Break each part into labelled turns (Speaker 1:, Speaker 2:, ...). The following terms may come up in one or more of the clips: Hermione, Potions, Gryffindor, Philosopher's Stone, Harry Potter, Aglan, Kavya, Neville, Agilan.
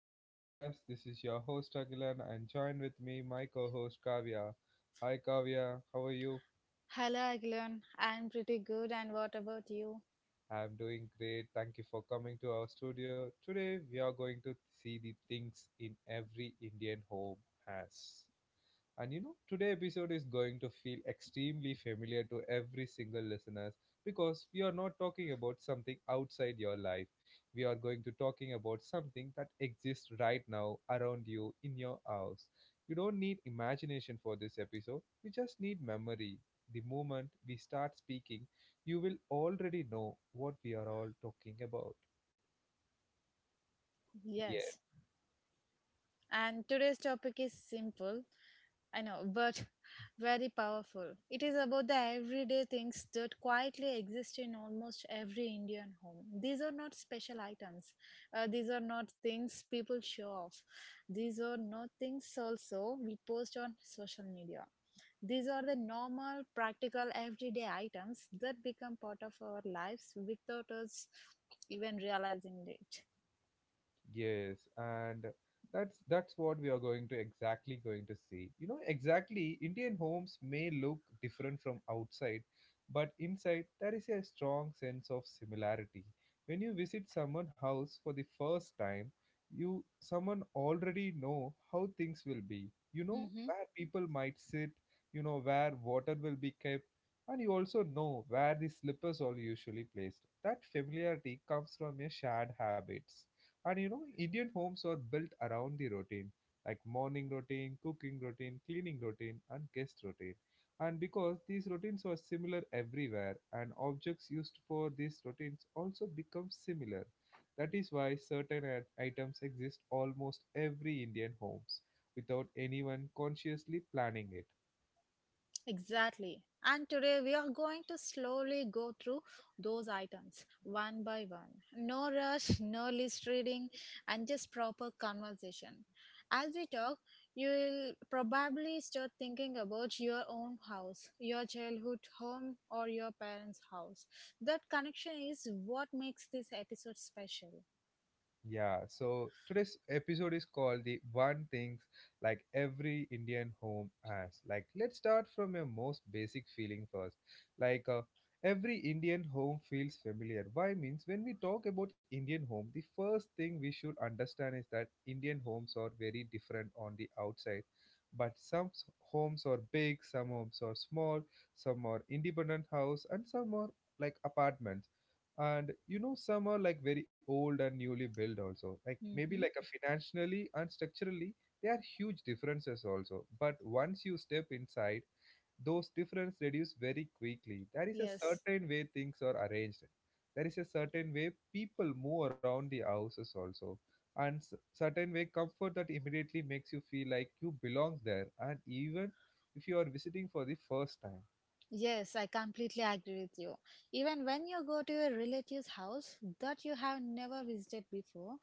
Speaker 1: my podcast. This is your host Agilan and join with me my co-host Kavya. Hi Kavya, how are you?
Speaker 2: Hello, Aglan. I'm pretty good, and what about you?
Speaker 1: I'm doing great. Thank you for coming to our studio. Today we are going to see the things in every Indian home has. Today episode is going to feel extremely familiar to every single listeners because we are not talking about something outside your life. We are going to talking about something that exists right now around you in your house. You don't need imagination for this episode. You just need memory. The moment we start speaking, you will already know what we are all talking about. Yes.
Speaker 2: Yes. And today's topic is simple, I know, but very powerful. It is about the everyday things that quietly exist in almost every Indian home. These are not special items. These are not things people show off. These are not things also we post on social media. These are the normal, practical, everyday items that become part of our lives without us even realizing it.
Speaker 1: Yes, and that's what we are going to exactly going to see. You know, exactly Indian homes may look different from outside, but inside there is a strong sense of similarity. When you visit someone's house for the first time, you someone already know how things will be. You know
Speaker 2: Mm-hmm.
Speaker 1: where people might sit, you know where water will be kept, and you also know where the slippers are usually placed. That familiarity comes from your shared habits. Indian homes are built around the routine, like morning routine, cooking routine, cleaning routine, and guest routine. And because these routines are similar everywhere, and objects used for these routines also become similar. That is why certain items exist almost every Indian homes without anyone consciously planning it.
Speaker 2: Exactly. And today we are going to slowly go through those items one by one. No rush, no list reading, and just proper conversation. As we talk, you will probably start thinking about your own house, your childhood home, or your parents' house. That connection is what makes this episode special.
Speaker 1: Yeah, so today's episode is called the one things like every Indian home has. Like, let's start from a most basic feeling first. Like, uh, every Indian home feels familiar. Why means when we talk about Indian home, the first thing we should understand is that Indian homes are very different on the outside. But homes are big, some homes are small, some are independent house, and some are like apartments, and you know some are like very old and newly built also, like maybe like
Speaker 2: Hmm.
Speaker 1: a financially and structurally there are huge differences also. But once you step inside, those differences reduce very quickly. There is a
Speaker 2: Yes.
Speaker 1: certain way things are arranged, there is a certain way people move around the houses also, and certain way comfort that immediately makes you feel like you belong there, and even if you are visiting for the first time.
Speaker 2: Yes, I completely agree with you. Even when you go to a relative's house that you have never visited before,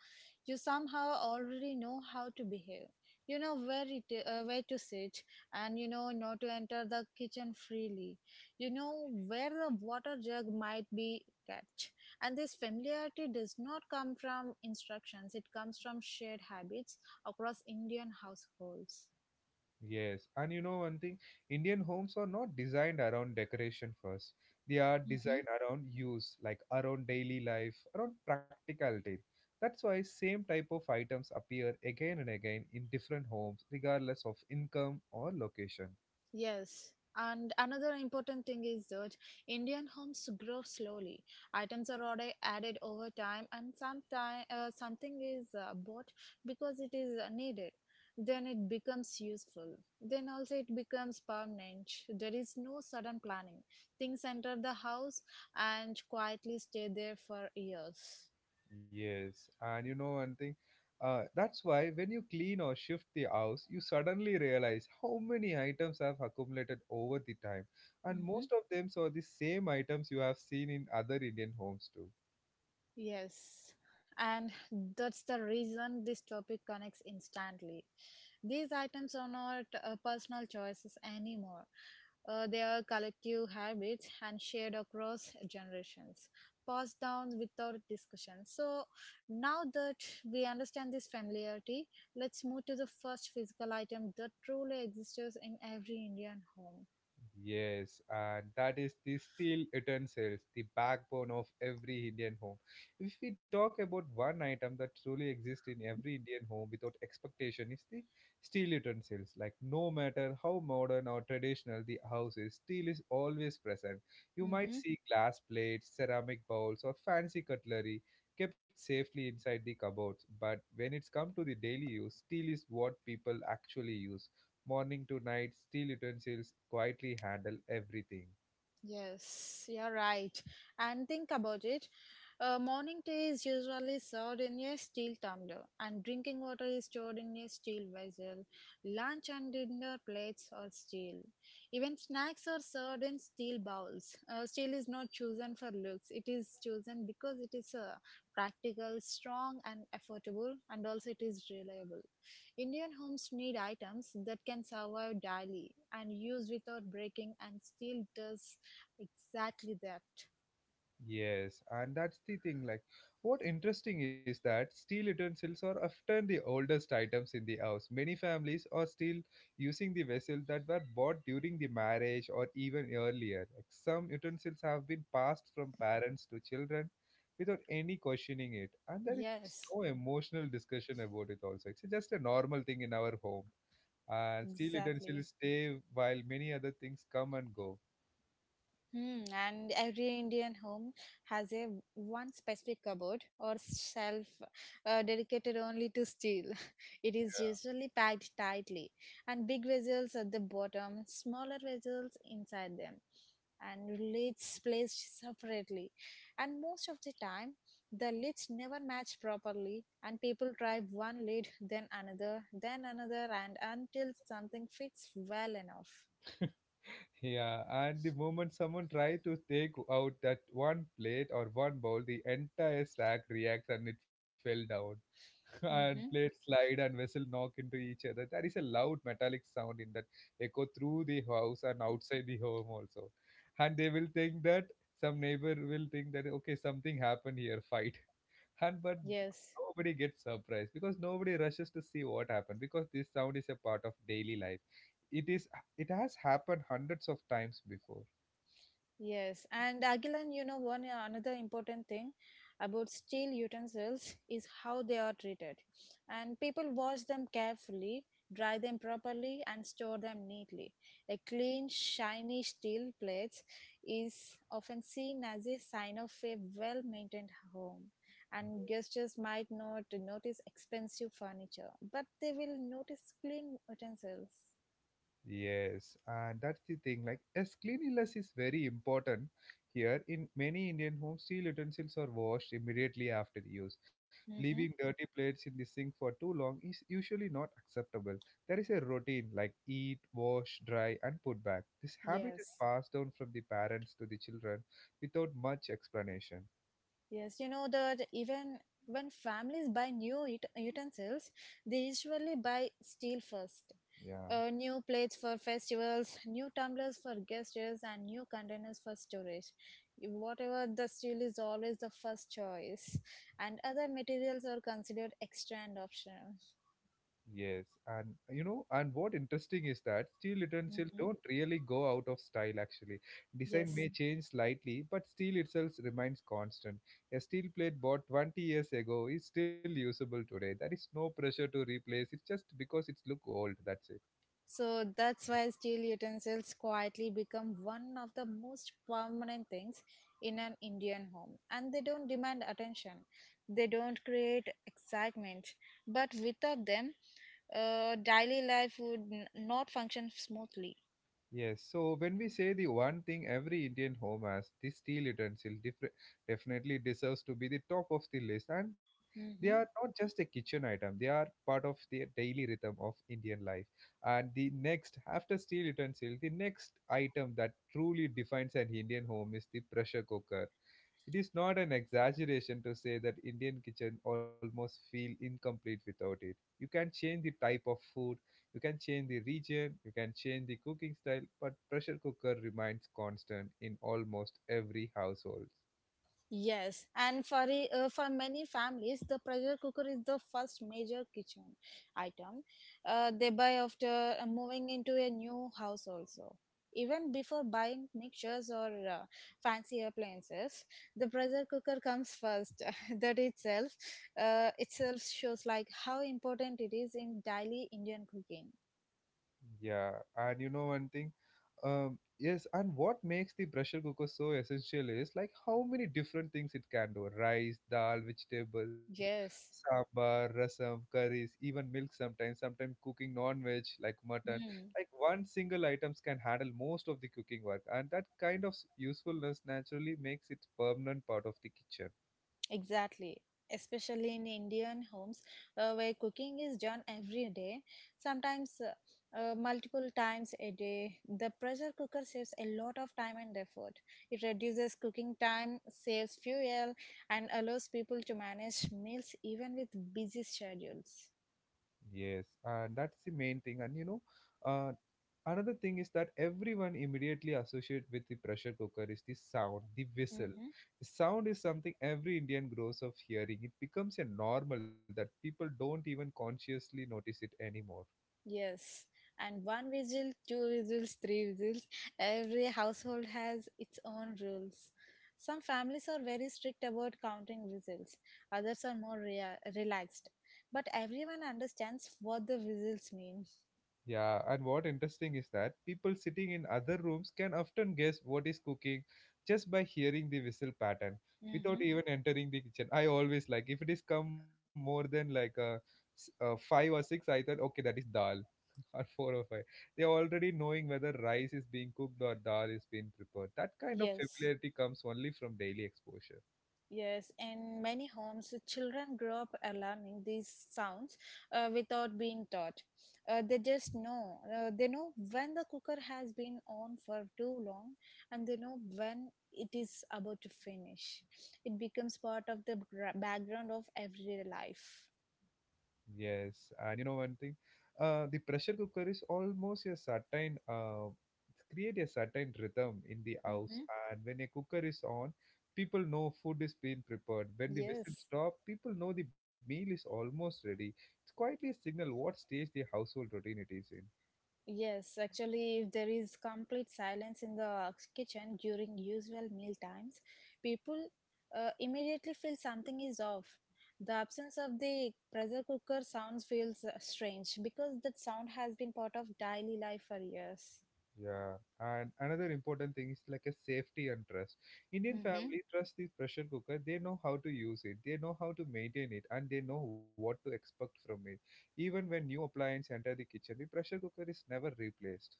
Speaker 2: you somehow already know how to behave. You know where to sit, and you know not to enter the kitchen freely. You know where the water jug might be kept, and this familiarity does not come from instructions. It comes from shared habits across Indian households.
Speaker 1: Yes, and you know one thing, Indian homes are not designed around decoration first. They are designed around use, like around daily life, around practicality. That's why same type of items appear again and again in different homes, regardless of income or location.
Speaker 2: Yes, and another important thing is that Indian homes grow slowly. Items are added over time, and sometime something is bought because it is needed. Then it becomes useful. Then also it becomes permanent. There is no sudden planning. Things enter the house and quietly stay there for years.
Speaker 1: Yes, and you know one thing, That's why when you clean or shift the house, you suddenly realize how many items have accumulated over the time, and
Speaker 2: Mhm.
Speaker 1: most of them are the same items you have seen in other Indian homes too.
Speaker 2: Yes, and that's the reason this topic connects instantly. These items are not personal choices anymore. They are collective habits and shared across generations, passed down without discussion. So, now that we understand this familiarity, let's move to the first physical item that truly exists in every Indian home.
Speaker 1: Yes, and that is the steel utensils, the backbone of every Indian home. If we talk about one item that truly exists in every Indian home without expectation, is the steel utensils. Like no matter how modern or traditional the house is, steel is always present. You might
Speaker 2: Mhm.
Speaker 1: see glass plates, ceramic bowls, or fancy cutlery kept safely inside the cupboards. But when it's come to the daily use, steel is what people actually use morning to night. Steel utensils quietly handle everything.
Speaker 2: Yes, you're right. And think about it. Morning tea is usually served in a steel tumbler, and drinking water is stored in a steel vessel. Lunch and dinner plates are steel. Even snacks are served in steel bowls. Steel is not chosen for looks, it is chosen because it is practical, strong, and affordable, and also it is reliable. Indian homes need items that can survive daily and use without breaking, and steel does exactly that.
Speaker 1: Yes, and that's the thing. Like, what interesting is that steel utensils are often the oldest items in the house. Many families are still using the vessels that were bought during the marriage or even earlier. Like, some utensils have been passed from parents to children without any questioning it, and there is no
Speaker 2: Yes,
Speaker 1: emotional discussion about it. Also, it's just a normal thing in our home. And steel
Speaker 2: exactly.
Speaker 1: utensils stay while many other things come and go.
Speaker 2: Hmm, and every Indian home has a one specific cupboard or shelf dedicated only to steel. It is usually packed tightly, and big vessels at the bottom, smaller vessels inside them, and lids placed separately. And most of the time, the lids never match properly, and people try one lid, then another, and until something fits well enough.
Speaker 1: Yeah, and the moment someone tries to take out that one plate or one bowl, the entire stack reacts and it fell down. And plates
Speaker 2: Mm-hmm.
Speaker 1: slide and vessel knock into each other. There is a loud metallic sound in that echo through the house and outside the home also. And they will think that some neighbor will think that okay something happened here fight and but
Speaker 2: Yes.
Speaker 1: nobody gets surprised because nobody rushes to see what happened, because this sound is a part of daily life. It is, it has happened hundreds of times before.
Speaker 2: Yes, and Agilan, you know, one another important thing about steel utensils is how they are treated. And people wash them carefully, dry them properly, and store them neatly. A clean, shiny steel plate is often seen as a sign of a well maintained home. And guests just might not notice expensive furniture, but they will notice clean utensils.
Speaker 1: Yes, and that's the thing. Like, as cleanliness is very important here, in many Indian homes, steel utensils are washed immediately after use. Leaving
Speaker 2: Mm-hmm.
Speaker 1: dirty plates in the sink for too long is usually not acceptable. There is a routine like eat, wash, dry, and put back. This habit is
Speaker 2: Yes.
Speaker 1: passed down from the parents to the children without much explanation.
Speaker 2: Yes, you know that even when families buy new utensils, they usually buy steel first.
Speaker 1: Yeah.
Speaker 2: New plates for festivals, new tumblers for guests, and new containers for storage. Whatever the steel is always the first choice, and other materials are considered extra and optional.
Speaker 1: Yes, and you know, and What interesting is that steel utensils
Speaker 2: Hmm.
Speaker 1: don't really go out of style actually. Design
Speaker 2: Yes.
Speaker 1: may change slightly, but steel itself remains constant. A steel plate bought 20 years ago is still usable today. There is no pressure to replace it just because it's look old, that's it.
Speaker 2: So that's why steel utensils quietly become one of the most permanent things in an Indian home. And they don't demand attention, they don't create excitement. But without them, daily life would not function smoothly.
Speaker 1: Yes, so when we say the one thing every Indian home has, the steel utensil different, definitely deserves to be the top of the list. And they are
Speaker 2: Mhm.
Speaker 1: not just a kitchen item, they are part of the daily rhythm of Indian life. And the next, after steel utensil, the next item that truly defines an Indian home is the pressure cooker. It is not an exaggeration to say that Indian kitchen almost feel incomplete without it. You can change the type of food, you can change the region, you can change the cooking style, but pressure cooker remains constant in almost every household.
Speaker 2: Yes, and for many families, the pressure cooker is the first major kitchen item they buy after moving into a new house. Also, even before buying mixtures or fancy appliances, the pressure cooker comes first. That itself shows like how important it is in daily Indian cooking.
Speaker 1: Yeah, and you know one thing, yes, and What makes the pressure cooker so essential is like how many different things it can do: rice, dal, vegetable,
Speaker 2: Yes.
Speaker 1: sambar, rasam, curries, even milk. Sometimes cooking non-veg like mutton. Like one single items can handle most of the cooking work, and that kind of usefulness naturally makes it permanent part of the kitchen.
Speaker 2: Exactly. Especially in Indian homes where cooking is done every day, sometimes multiple times a day. The pressure cooker saves a lot of time and effort. It reduces cooking time, saves fuel, and allows people to manage meals even with busy schedules.
Speaker 1: Yes, and that's the main thing. Uh, Another thing is that everyone immediately associate with the pressure cooker is the sound, the whistle.
Speaker 2: Mhm.
Speaker 1: The sound is something every Indian grows of hearing. It becomes a normal that people don't even consciously notice it anymore.
Speaker 2: Yes, and one whistle, two whistles, three whistles. Every household has its own rules. Some families are very strict about counting whistles, others are more relaxed. But everyone understands what the whistles mean.
Speaker 1: Yeah, and what interesting is that people sitting in other rooms can often guess what is cooking just by hearing the whistle pattern without
Speaker 2: Mm-hmm.
Speaker 1: even entering the kitchen. I always like if it is come more than like five or six, I thought okay that is dal, or four or five. They are already knowing whether rice is being cooked or dal is being prepared. That kind of
Speaker 2: Yes.
Speaker 1: familiarity comes only from daily exposure.
Speaker 2: Yes, in many homes, children grow up learning these sounds without being taught. They just know. They know when the cooker has been on for too long, and they know when it is about to finish. It becomes part of the background of everyday life.
Speaker 1: Yes, and you know one thing, The pressure cooker is almost a certain create a certain rhythm in the house,
Speaker 2: Hmm.
Speaker 1: and when a cooker is on, people know food is being prepared. When the whistle
Speaker 2: Yes.
Speaker 1: stop, people know the meal is almost ready. It's quietly a signal what stage the household routine it is in.
Speaker 2: Yes, actually, if there is complete silence in the kitchen during usual meal times, people immediately feel something is off. The absence of the pressure cooker sounds feels strange because that sound has been part of daily life for years.
Speaker 1: Yeah, and another important thing is like a safety and trust. Indian
Speaker 2: Mm-hmm.
Speaker 1: family trust this pressure cooker. They know how to use it, they know how to maintain it, and they know what to expect from it. Even when new appliance enter the kitchen, the pressure cooker is never replaced.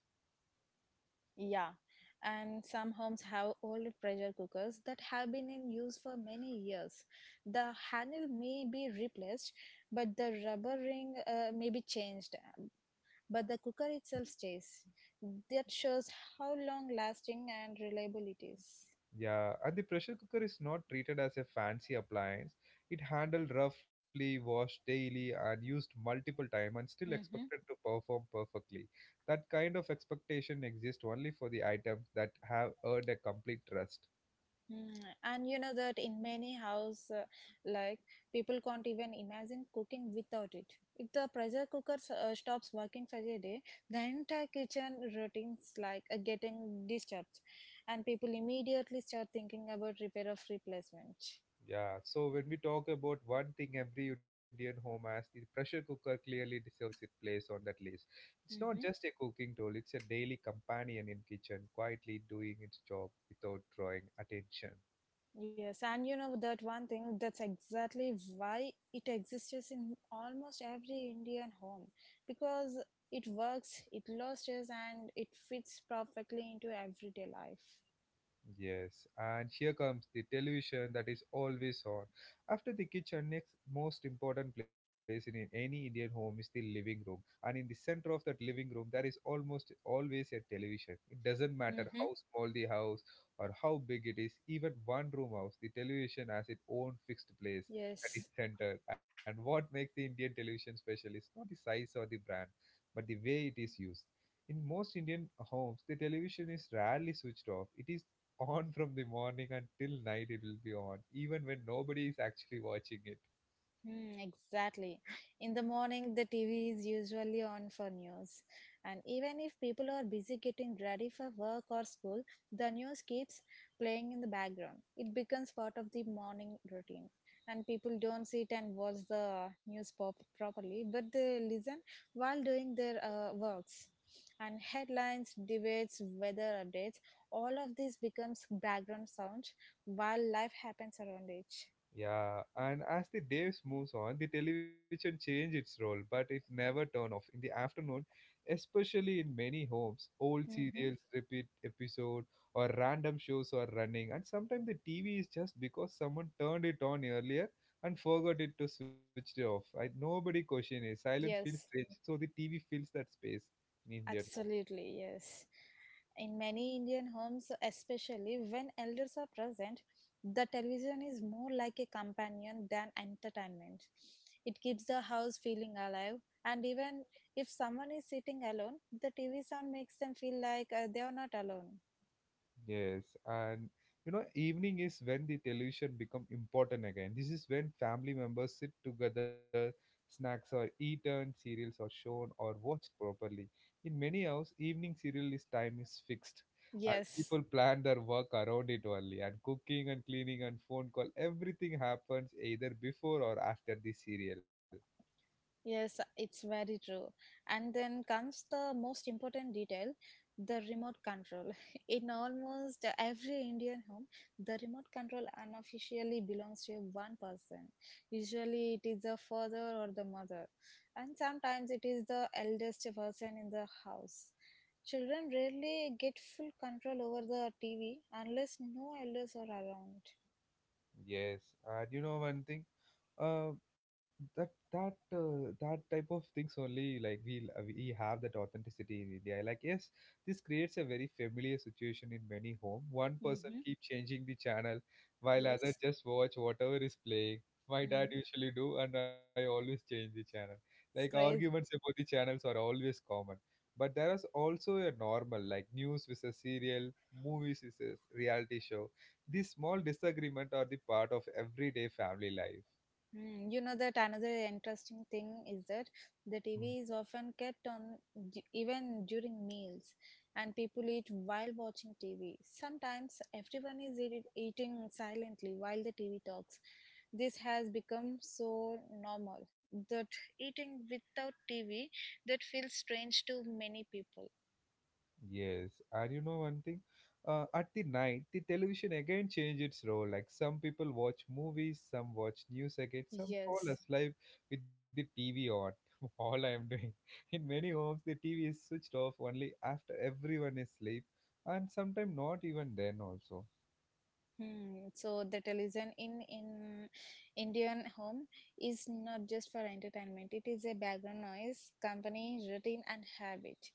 Speaker 2: Yeah, and some homes have old pressure cookers that have been in use for many years. The handle may be replaced, but the rubber ring may be changed, but the cooker itself stays. That shows how long lasting and reliable it is.
Speaker 1: Yeah, and the pressure cooker is not treated as a fancy appliance. It handled roughly, washed daily, and used multiple time, and still
Speaker 2: Mm-hmm.
Speaker 1: expected to perform perfectly. That kind of expectation exists only for the items that have earned a complete trust.
Speaker 2: Mm. And you know that in many house, like people can't even imagine cooking without it. If the pressure cooker stops working for a day, the entire kitchen routines like getting disturbed, and people immediately start thinking about repair of replacement.
Speaker 1: Yeah, so when we talk about one thing every Indian home has, the pressure cooker clearly deserves its place on that list. It's not just a cooking tool, it's a daily companion in kitchen, quietly doing its job without drawing attention.
Speaker 2: Yes, and you know that one thing that's exactly why it exists in almost every Indian home because it works, it lasts, and it fits perfectly into everyday life.
Speaker 1: Yes, and here comes the television that is always on. After the kitchen, next most important place in any Indian home is the living room. And in the center of that living room, there is almost always a television. It doesn't matter
Speaker 2: Mm-hmm.
Speaker 1: how small the house or how big it is, even one room house, the television has its own fixed place at the
Speaker 2: Yes.
Speaker 1: center. And what makes the Indian television special is not the size or the brand, but the way it is used. In most Indian homes, the television is rarely switched off. It is on from the morning until night. It will be on even when nobody is actually watching it.
Speaker 2: Hmm, exactly. In the morning, the TV is usually on for news. And even if people are busy getting ready for work or school, the news keeps playing in the background. It becomes part of the morning routine. And people don't sit and watch the news pop properly, but they listen while doing their works. And headlines, debates, weather updates, all of this becomes background sound while life happens around it.
Speaker 1: Yeah, and as the days moves on, the television change its role, but it never turn off. In the afternoon especially, in many homes, old
Speaker 2: Mm-hmm.
Speaker 1: serials repeat episode or random shows are running. And sometimes the TV is just because someone turned it on earlier and forgot it to switch it off. Nobody question it. Silence feels strange,
Speaker 2: Yes.
Speaker 1: so the TV fills that space in Indian home.
Speaker 2: Absolutely, yes. In many Indian homes, especially when elders are present, the television is more like a companion than entertainment. It keeps the house feeling alive, and even if someone is sitting alone, the TV sound makes them feel like they are not alone.
Speaker 1: Yes, and evening is when the television become important again. This is when family members sit together, snacks are eaten, serials are shown or watched properly. In many hours, evening serial is time is fixed, and
Speaker 2: Yes.
Speaker 1: people plan their work around it only. And cooking and cleaning and phone call, everything happens either before or after the serial.
Speaker 2: Yes, it's very true. And then comes the most important detail, the remote control. In almost every Indian home, the remote control unofficially belongs to one person. Usually it is the father or the mother, and sometimes it is the eldest person in the house. Children rarely get full control over the TV unless no elders are around.
Speaker 1: Yes, and you know one thing, uh, that type of things only, like we have that authenticity in India. Like, yes, this creates a very familiar situation in many home. One person
Speaker 2: Mm-hmm.
Speaker 1: keep changing the channel, while other
Speaker 2: Yes.
Speaker 1: just watch whatever is playing. My dad
Speaker 2: Mm.
Speaker 1: usually do, and I always change the channel. Like
Speaker 2: It's
Speaker 1: arguments
Speaker 2: crazy.
Speaker 1: about the channels are always common. But there is also a normal, like news with a serial, movies is a reality show. These small disagreements are the part of everyday family life.
Speaker 2: Mm, you know that another interesting thing is that the
Speaker 1: Mhm.
Speaker 2: TV is often kept on even during meals, and people eat while watching TV. Sometimes everyone is eating silently while the TV talks. This has become so normal that eating without TV that feels strange to many people.
Speaker 1: Yes, and you know one thing? At the night, the television again changed its role. Like some people watch movies, some watch news again, some fall
Speaker 2: Yes.
Speaker 1: asleep with the TV on. All I am doing. In many homes, the TV is switched off only after everyone is asleep, and sometimes not even then also.
Speaker 2: Hmm. So the television in Indian home is not just for entertainment. It is a background noise, company, routine, and habit.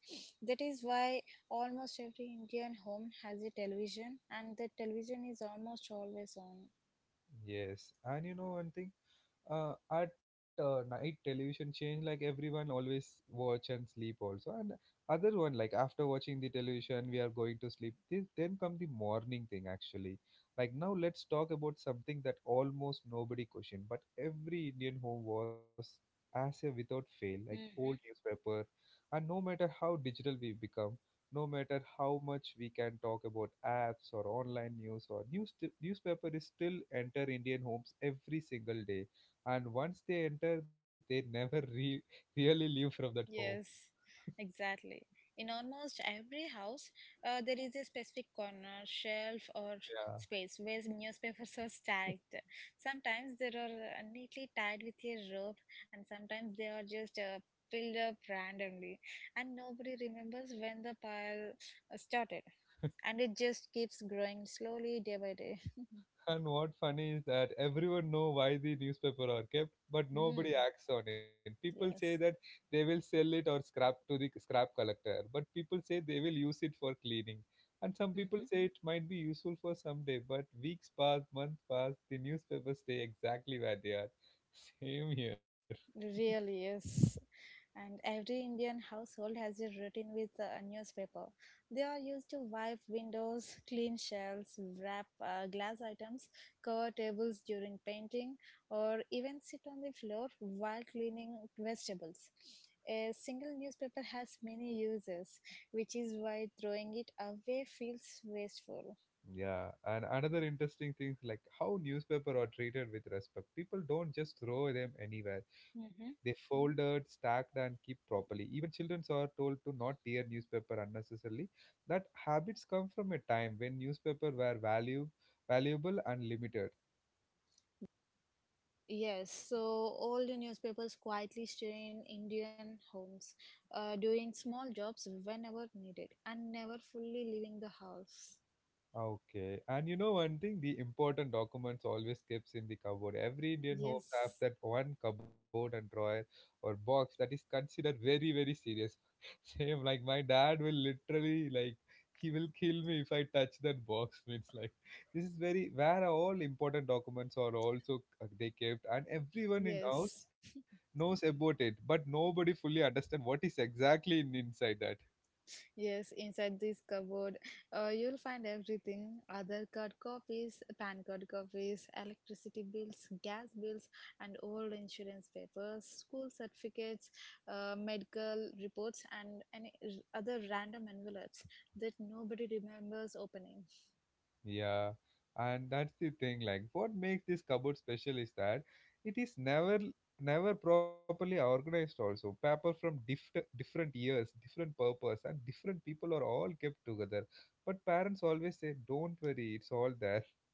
Speaker 2: That is why almost every Indian home has a television, and the television is almost always on.
Speaker 1: Yes, and you know one thing? At night, television change, like everyone always watch and sleep also, and other one like after watching the television we are going to sleep. This then come the morning thing actually. Like now let's talk about something that almost nobody question, but every Indian home was as a without fail, like old
Speaker 2: Hmm.
Speaker 1: newspaper. And no matter how digital we become, no matter how much we can talk about apps or online news or news, newspaper is still enter Indian homes every single day. And once they enter, they never really leave from that home.
Speaker 2: Yes, exactly. In almost every house, there is a specific corner, shelf, or
Speaker 1: Yeah,
Speaker 2: space where newspapers are stacked. Sometimes they are neatly tied with a rope, and sometimes they are just filled up randomly. And nobody remembers when the pile started, and it just keeps growing slowly day by day.
Speaker 1: and what funny is that everyone know why the newspaper are kept, but nobody
Speaker 2: Hmm.
Speaker 1: acts on it. People say that
Speaker 2: Yes.
Speaker 1: they will sell it or scrap to the scrap collector, but people say they will use it for cleaning, and some people
Speaker 2: Mm-hmm.
Speaker 1: say it might be useful for someday. But weeks pass, months pass, the newspapers stay exactly where they are. Same here.
Speaker 2: Really is. And every Indian household has a routine with a newspaper. They are used to wipe windows, clean shelves, wrap glass items, cover tables during painting, or even sit on the floor while cleaning vegetables. A single newspaper has many uses, which is why throwing it away feels wasteful.
Speaker 1: Yeah, and another interesting thing, like how newspaper are treated with respect. People don't just throw them anywhere. They
Speaker 2: Mm-hmm.
Speaker 1: folded, stacked, and keep properly. Even children are told to not tear newspaper unnecessarily. That habits come from a time when newspaper were value valuable and limited.
Speaker 2: Yes, so all the newspapers quietly stay in Indian homes, doing small jobs whenever needed and never fully leaving the house.
Speaker 1: Okay. And you know one thing, the important documents always keeps in the cupboard. Every Indian home have
Speaker 2: Yes,
Speaker 1: that one cupboard and drawer or box that is considered very, very serious. Same, like my dad will literally, like, he will kill me if I touch that box. Means like this is very where all important documents are also, they kept, and everyone in
Speaker 2: yes,
Speaker 1: house knows about it, but nobody fully understand what is exactly inside that.
Speaker 2: yes, inside this cupboard, you'll find everything other card copies, pan card copies, electricity bills, gas bills, and old insurance papers, school certificates, medical reports, and any other random envelopes that nobody remembers opening.
Speaker 1: Yeah, and that's the thing. Like, what makes this cupboard special is that it is never properly organized. Also, paper from different years, different purpose, and different people are all kept together. But parents always say, "Don't worry, it's all there."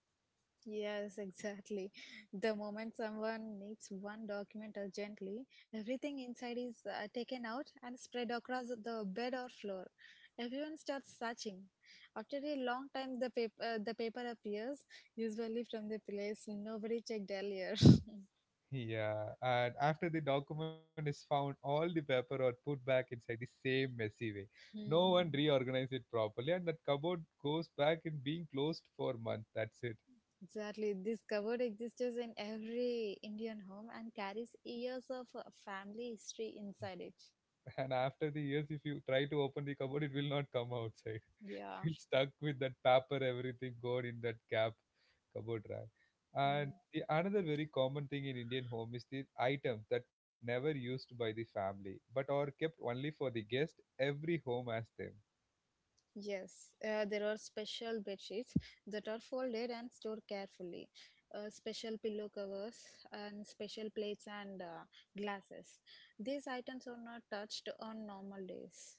Speaker 2: Yes, exactly. The moment someone needs one document urgently, everything inside is taken out and spread across the bed or floor. Everyone starts searching. After a long time, the paper appears, usually from the place nobody checked earlier.
Speaker 1: Yeah, and after the document is found, all the paper are put back inside the same messy way. No
Speaker 2: Hmm,
Speaker 1: one reorganized it properly, and that cupboard goes back in being closed for months. That's it.
Speaker 2: exactly. This cupboard exists in every Indian home and carries years of family history inside it.
Speaker 1: And after the years, if you try to open the cupboard, it will not come outside.
Speaker 2: Yeah.
Speaker 1: You will stuck with that paper, everything gone in that gap cupboard rack. And
Speaker 2: Hmm.
Speaker 1: the another very common thing in Indian home is the items that never used by the family but are kept only for the guest. Every home has them.
Speaker 2: Yes, there are special bed sheets that are folded and stored carefully, special pillow covers, and special plates and glasses. These items are not touched on normal days.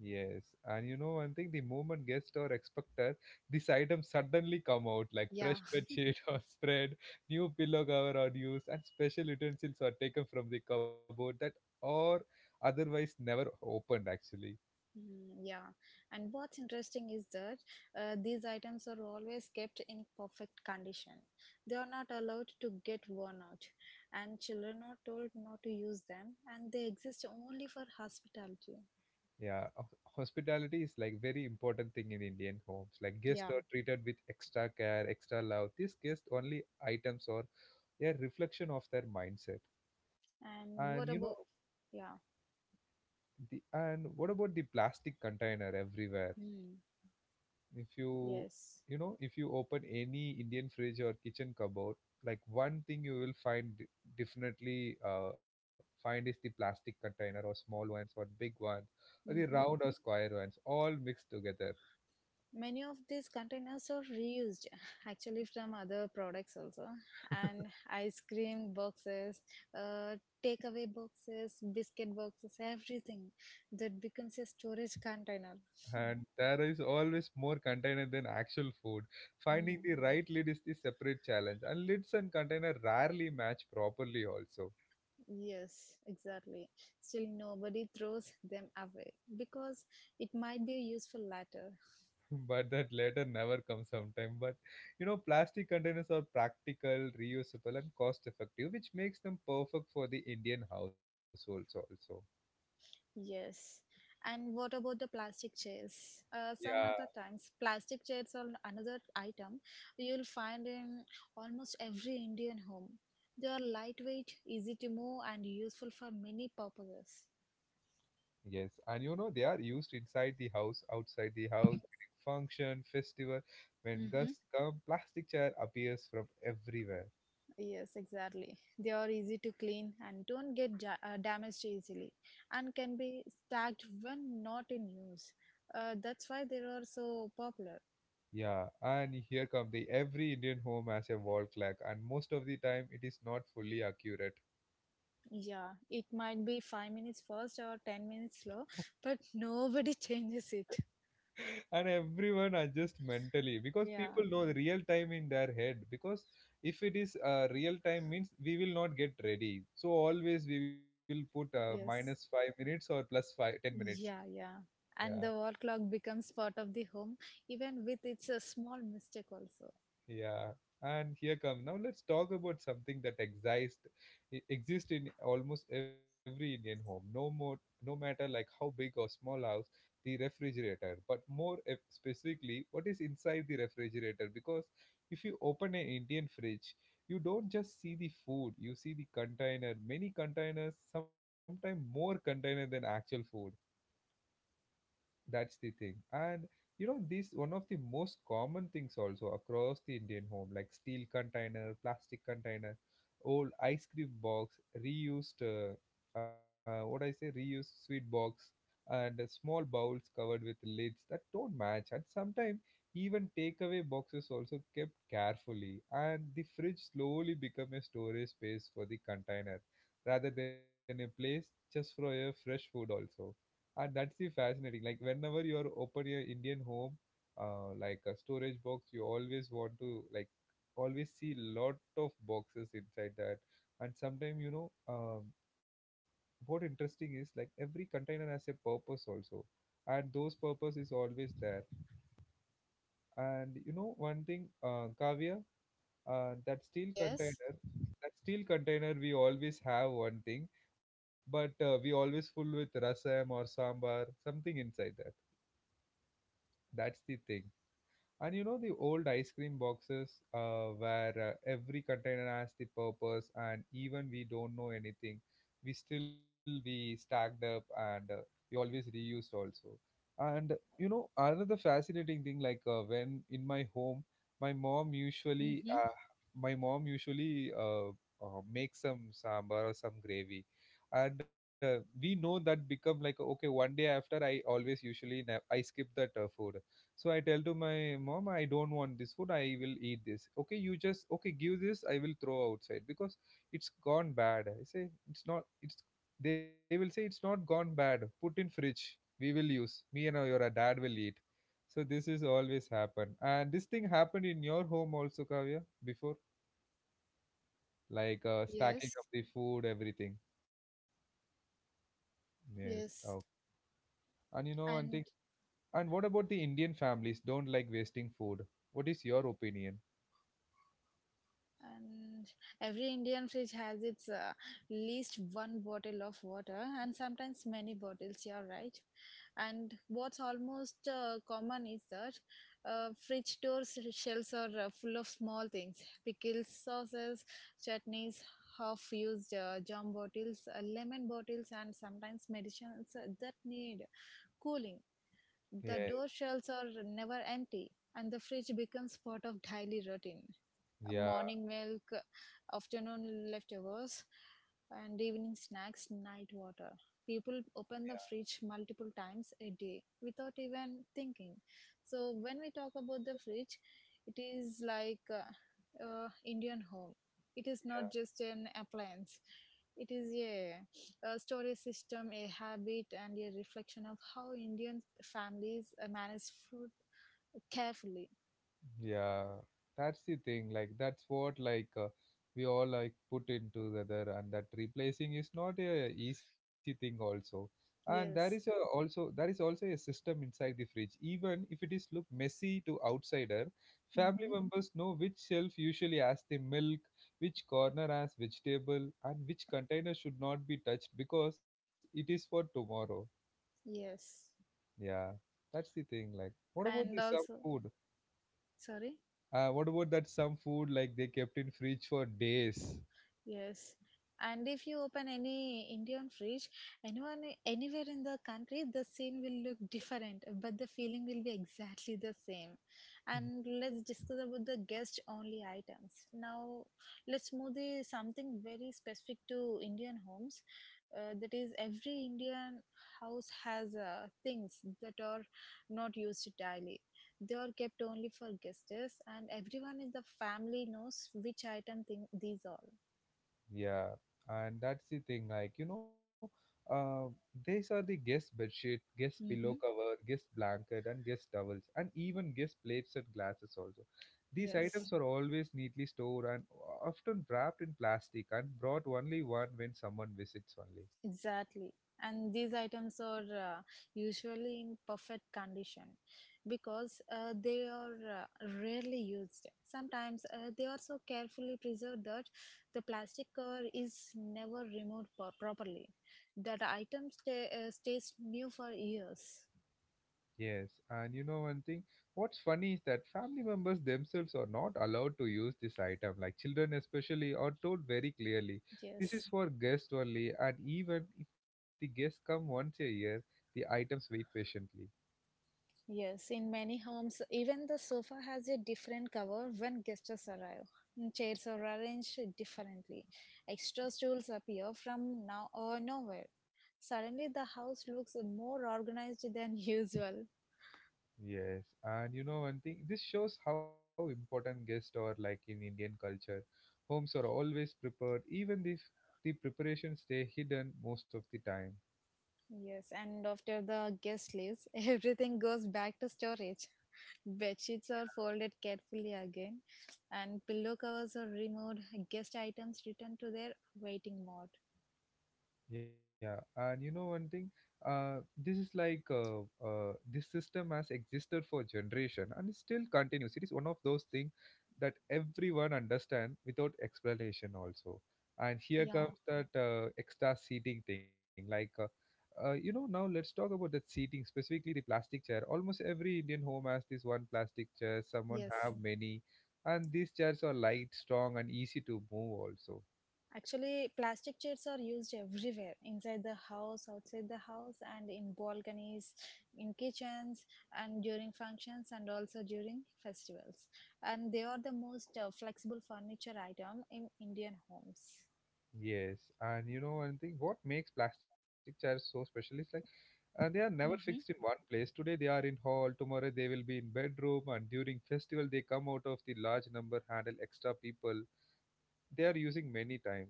Speaker 1: Yes, and you know, I think the moment guest or expected, these items suddenly come out, like
Speaker 2: Yeah,
Speaker 1: fresh bed sheet or spread, new pillow cover are used, and special utensils are taken from the cupboard that are otherwise never opened. Actually,
Speaker 2: mm, yeah. And what's interesting is that these items are always kept in perfect condition. They are not allowed to get worn out, and children are told not to use them, and they exist only for hospitality.
Speaker 1: yeah, hospitality is like very important thing in Indian homes. Like guests
Speaker 2: Yeah.
Speaker 1: are treated with extra care, extra love. These guest only items are a reflection of their mindset, and you
Speaker 2: And
Speaker 1: know.
Speaker 2: what about? Yeah.
Speaker 1: And what about the plastic container everywhere?
Speaker 2: Mm.
Speaker 1: if you
Speaker 2: Yes.
Speaker 1: if you open any Indian fridge or kitchen cupboard, like one thing you will definitely find is the plastic container, or small ones or big ones, or the
Speaker 2: Mm-hmm.
Speaker 1: round or square ones, all mixed together.
Speaker 2: Many of these containers are reused actually from other products also, and ice cream boxes, uh, takeaway boxes, biscuit boxes, everything that becomes a storage container. Hmm.
Speaker 1: And there is always more container than actual food. Finding
Speaker 2: Mm.
Speaker 1: the right lid is the separate challenge, and lids and container rarely match properly also.
Speaker 2: Yes, exactly. Still, nobody throws them away because it might be useful later.
Speaker 1: But that later never comes sometime. But you know, plastic containers are practical, reusable, and cost effective, which makes them perfect for the Indian households also.
Speaker 2: Yes. And what about the plastic chairs? Some of
Speaker 1: Yeah.
Speaker 2: the times, plastic chairs are another item you'll find in almost every Indian home. They are lightweight, easy to move, and useful for many purposes.
Speaker 1: Yes, and you know they are used inside the house, outside the house, during function, festival. When
Speaker 2: Mm-hmm.
Speaker 1: guests come, plastic chair appears from everywhere.
Speaker 2: Yes, exactly. They are easy to clean and don't get damaged easily and can be stacked when not in use. That's why they are so popular.
Speaker 1: Yeah, and here come the every Indian home has a wall clock, and most of the time it is not fully accurate.
Speaker 2: Yeah, it might be 5 minutes fast or 10 minutes slow, but nobody changes it.
Speaker 1: And everyone adjust mentally, because
Speaker 2: Yeah,
Speaker 1: people know the real time in their head, because if it is real time means we will not get ready, so always we will put minus 5
Speaker 2: yes.
Speaker 1: minutes or plus 5, 10 minutes.
Speaker 2: Yeah, yeah.
Speaker 1: Yeah.
Speaker 2: And the wall clock becomes part of the home, even with its a small mistake also.
Speaker 1: Yeah, and here come now. Let's talk about something that exists in almost every Indian home. No more, no matter like how big or small house, the refrigerator. But more specifically, what is inside the refrigerator? Because if you open an Indian fridge, you don't just see the food. You see the container. Many containers, sometimes more container than actual food. That's the thing. And you know this one of the most common things also across the Indian home, like steel container, plastic container, old ice cream box, reused what I say reused sweet box, and small bowls covered with lids that don't match, and sometimes even takeaway boxes also kept carefully. And the fridge slowly become a storage space for the container, rather than a place just for your fresh food also. And that's the fascinating, like whenever you are open your Indian home, like a storage box, you always want to, like, always see lot of boxes inside that. And sometimes you know, what interesting is like every container has a purpose also. And those purpose is always there. And you know one thing, Kavya, that steel
Speaker 2: Yes.
Speaker 1: container, that steel container, we always have one thing, but we always full with rasam or sambar, something inside that. That's the thing. And you know the old ice cream boxes, where every container has the purpose, and even we don't know anything, we still we stacked up and we always reused also. And you know another fascinating thing, like when in my home, my mom usually
Speaker 2: Mm-hmm.
Speaker 1: uh, my mom usually makes some sambar or some gravy, and we know that become like okay one day after I always usually na- I skip that food. So I tell to my mom, I don't want this food. I will eat this. Okay, you just okay give this. I will throw outside, because it's gone bad. I say it's not. It's They will say it's not gone bad. Put in fridge. We will use. Me and your dad will eat. So this is always happen. And this thing happened in your home also, Kavya, before, like stacking
Speaker 2: Yes.
Speaker 1: up the food, everything. Yes. Oh,
Speaker 2: Yes.
Speaker 1: and you know one thing.
Speaker 2: And
Speaker 1: And what about the Indian families? Don't like wasting food. What is your opinion?
Speaker 2: and every Indian fridge has its least one bottle of water and sometimes many bottles, yeah, right. And what's almost common is that fridge door shelves are full of small things, pickles, sauces, chutneys, half used jam bottles, lemon bottles, and sometimes medicines that need cooling. The
Speaker 1: Yeah.
Speaker 2: door shelves are never empty, and the fridge becomes part of daily routine.
Speaker 1: Yeah.
Speaker 2: Morning milk, afternoon leftovers, and evening snacks, night water. People open the fridge multiple times a day without even thinking. So, when we talk about the fridge, it is like Indian home. It is not just an appliance. It is a storage system, a habit, and a reflection of how Indian families manage food carefully.
Speaker 1: Yeah, that's the thing. Like that's what, like, we all like put into together, and that replacing is not a easy thing also. And
Speaker 2: Yes.
Speaker 1: there is also a system inside the fridge. Even if it is look messy to outsider, family
Speaker 2: Hmm.
Speaker 1: members know which shelf usually has the milk, which corner has vegetable, and which container should not be touched because it is for tomorrow.
Speaker 2: Yes.
Speaker 1: Yeah, that's the thing. Like, what about
Speaker 2: And
Speaker 1: the some
Speaker 2: also,
Speaker 1: food?
Speaker 2: sorry.
Speaker 1: What about that some food, like they kept in fridge for days?
Speaker 2: Yes. And if you open any Indian fridge, anyone anywhere in the country, the scene will look different, but the feeling will be exactly the same.
Speaker 1: Mhm.
Speaker 2: And let's discuss about the guest only items. Now, let's move the something very specific to Indian homes. That is, every Indian house has things that are not used daily. They are kept only for guests, and everyone in the family knows which item thing these are.
Speaker 1: Yeah, and that's the thing. Like you know, uh, these are the guest bedsheet, guest pillow
Speaker 2: Mm-hmm.
Speaker 1: cover, guest blanket, and guest towels, and even guest plates and glasses also. These
Speaker 2: Yes,
Speaker 1: items are always neatly stored and often wrapped in plastic and brought only one when someone visits only.
Speaker 2: exactly. And these items are usually in perfect condition because they are uh, rarely used. Sometimes they are so carefully preserved that the plastic cover is never removed properly. That item stays new for years.
Speaker 1: Yes, and you know one thing, what's funny is that family members themselves are not allowed to use this item. Like children, especially, are told very clearly this is
Speaker 2: Yes.
Speaker 1: for guests only, and even if the guests come once a year, the items wait patiently.
Speaker 2: Yes, in many homes, even the sofa has a different cover when guests arrive. Mm, chairs are arranged differently. Extra stools appear from now or nowhere. Suddenly, the house looks more organized than usual.
Speaker 1: Yes, and you know one thing, this shows how important guests are like in Indian culture. Homes are always prepared, even if the preparations stay hidden most of the time.
Speaker 2: Yes, and after the guest leaves, everything goes back to storage. Bed sheets are folded carefully again, and pillow covers are removed. Guest items return to their waiting mode.
Speaker 1: Yeah, and you know one thing, uh, this is like this system has existed for generation and it still continues. It is one of those things that everyone understand without explanation also. And here
Speaker 2: Yeah,
Speaker 1: comes that extra seating thing. Like, you know, now let's talk about that seating specifically the plastic chair. Almost every Indian home has this one plastic chair. Someone have
Speaker 2: yes.
Speaker 1: many, and these chairs are light, strong, and easy to move also.
Speaker 2: Actually, plastic chairs are used everywhere inside the house, outside the house, and in balconies, in kitchens, and during functions, and also during festivals. And they are the most flexible furniture item in Indian homes.
Speaker 1: Yes, and you know, one thing. What makes plastic chairs so special is like they are never fixed in
Speaker 2: Mhm.
Speaker 1: one place. Today they are in hall, tomorrow they will be in bedroom, and during festival they come out of the large number, handle extra people. They are using many times.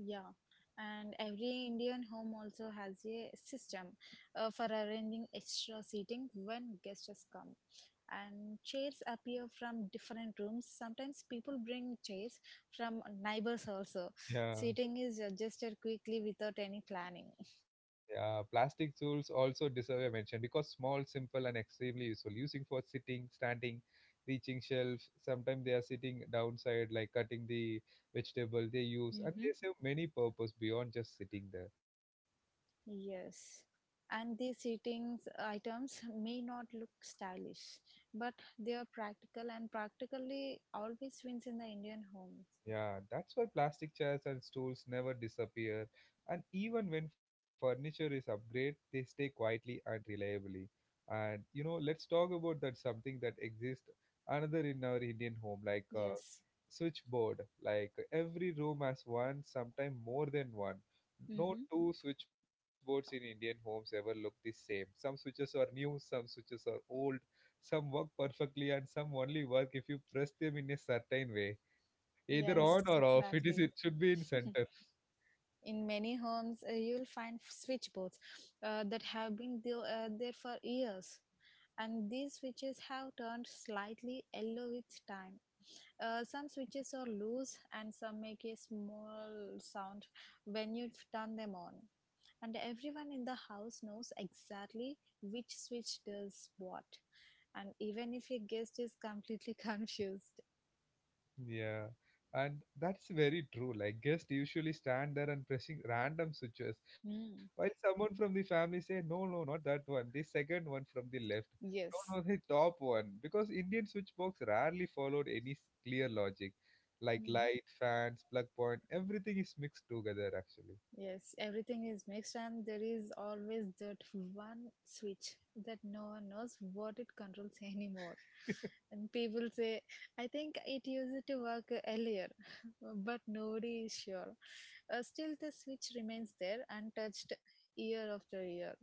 Speaker 2: Yeah, and every Indian home also has a system for arranging extra seating when guests come. And chairs appear from different rooms. Sometimes people bring chairs from neighbors also.
Speaker 1: Yeah,
Speaker 2: Seating is adjusted quickly without any planning.
Speaker 1: yeah. Plastic stools also deserve a mention because small, simple, and extremely useful. Using for sitting, standing, reaching shelf. Sometimes they are sitting downside, like cutting the vegetable they use, and they
Speaker 2: Mm-hmm.
Speaker 1: serve many purpose beyond just sitting there.
Speaker 2: Yes. And these seating items may not look stylish, but they are practical, and practically always wins in the Indian homes.
Speaker 1: Yeah, that's why plastic chairs and stools never disappear, and even when furniture is upgraded, they stay quietly and reliably. And you know, let's talk about that something that exists another in our Indian home, like
Speaker 2: Yes.
Speaker 1: switchboard. Like every room has one, sometimes more than one. No two switchboards in Indian homes ever look the same. Some switches are new, some switches are old, some work perfectly, and some only work if you press them in a certain way, either
Speaker 2: Yes,
Speaker 1: on or off it is
Speaker 2: exactly.
Speaker 1: it should be in
Speaker 2: Mhm.
Speaker 1: center.
Speaker 2: In many homes, you'll find switchboards that have been there for years, and these switches have turned slightly yellow with time. Some switches are loose, and some make a small sound when you turn them on. And everyone in the house knows exactly which switch does what, and even if a guest is completely confused.
Speaker 1: Yeah, and that's very true, like guests usually stand there and pressing random switches while
Speaker 2: Mm,
Speaker 1: someone from the family say no, no, not that one, the second one from the left, no,
Speaker 2: yes.
Speaker 1: no, the top one, because Indian switchbox rarely followed any clear logic, like
Speaker 2: Hmm.
Speaker 1: light fans plug point everything is mixed together actually.
Speaker 2: Yes, everything is mixed, and there is always that one switch that no one knows what it controls anymore. And people say, I think it used to work earlier, but nobody is sure. Still, the switch remains there untouched year after year.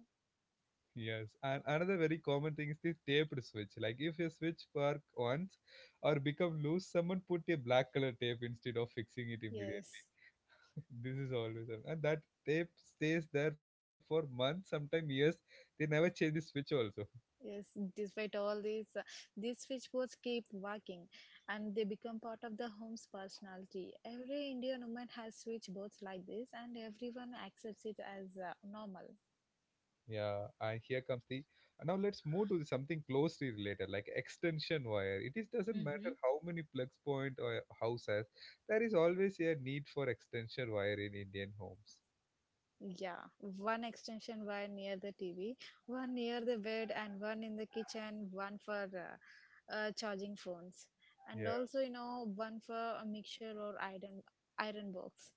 Speaker 1: Yes, and another very common thing is the taped switch. Like if your switch work once or become loose, someone put a black color tape instead of fixing it immediately.
Speaker 2: Yes.
Speaker 1: This is always and that tape stays there for months, sometimes years. They never change the switch also.
Speaker 2: Yes, despite all these switchboards keep working, and they become part of the home's personality. Every Indian woman has switchboards like this, and everyone accepts it as normal.
Speaker 1: Yeah, and here comes the now let's move to the something closely related like extension wire. It is doesn't matter
Speaker 2: Mm-hmm.
Speaker 1: how many plugs point or house has, there is always a need for extension wire in Indian homes.
Speaker 2: Yeah, one extension wire near the TV, one near the bed, and one in the kitchen, one for charging phones, and
Speaker 1: Yeah.
Speaker 2: also, you know, one for a mixer or iron box.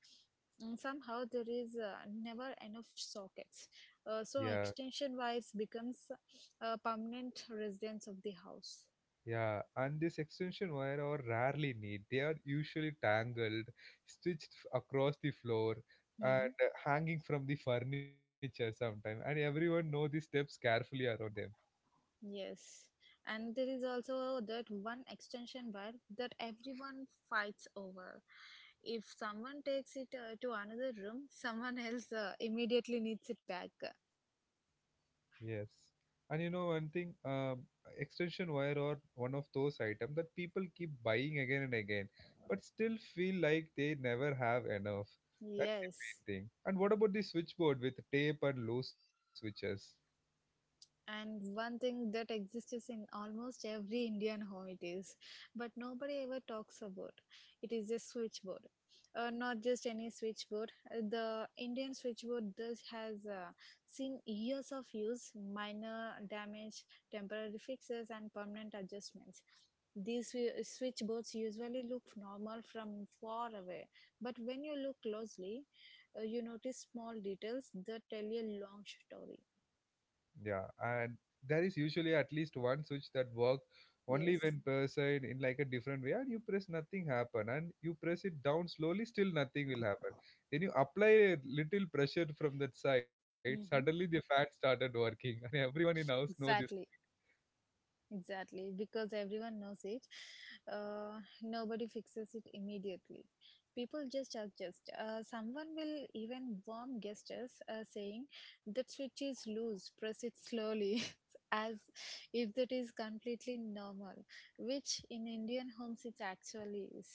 Speaker 2: And somehow there is never enough sockets,
Speaker 1: Yeah,
Speaker 2: so extension wires becomes a permanent residence of the house.
Speaker 1: yeah, and this extension wire are rarely neat. They are usually tangled, across the floor, and
Speaker 2: Hmm.
Speaker 1: hanging from the furniture sometimes. And everyone know the steps carefully around them.
Speaker 2: Yes, and there is also that one extension wire that everyone fights over. If someone takes it to another room, someone else immediately needs it back.
Speaker 1: Yes, and you know one thing, extension wire are one of those items that people keep buying again and again, but still feel like they never have enough. That's the
Speaker 2: Yes.
Speaker 1: main thing. And what about the switchboard with tape and loose switches?
Speaker 2: And one thing that exists in almost every Indian home it is, but nobody ever talks about. It is a switchboard, not just any switchboard. The Indian switchboard does has seen years of use, minor damage, temporary fixes, and permanent adjustments. These switchboards usually look normal from far away, but when you look closely, you notice small details that tell a long story.
Speaker 1: Yeah, and there is usually at least one switch that work only
Speaker 2: Yes.
Speaker 1: when pressed in like a different way, and you press nothing happen, and you press it down slowly, still nothing will happen. Then you apply a little pressure from that side, suddenly the
Speaker 2: Mm-hmm.
Speaker 1: fan started working, and everyone in house know this.
Speaker 2: Exactly, exactly. Because everyone knows it, nobody fixes it immediately. People just adjust. Someone will even warm gestures saying that switch is loose, press it slowly, as if that is completely normal, which in Indian homes it actually is.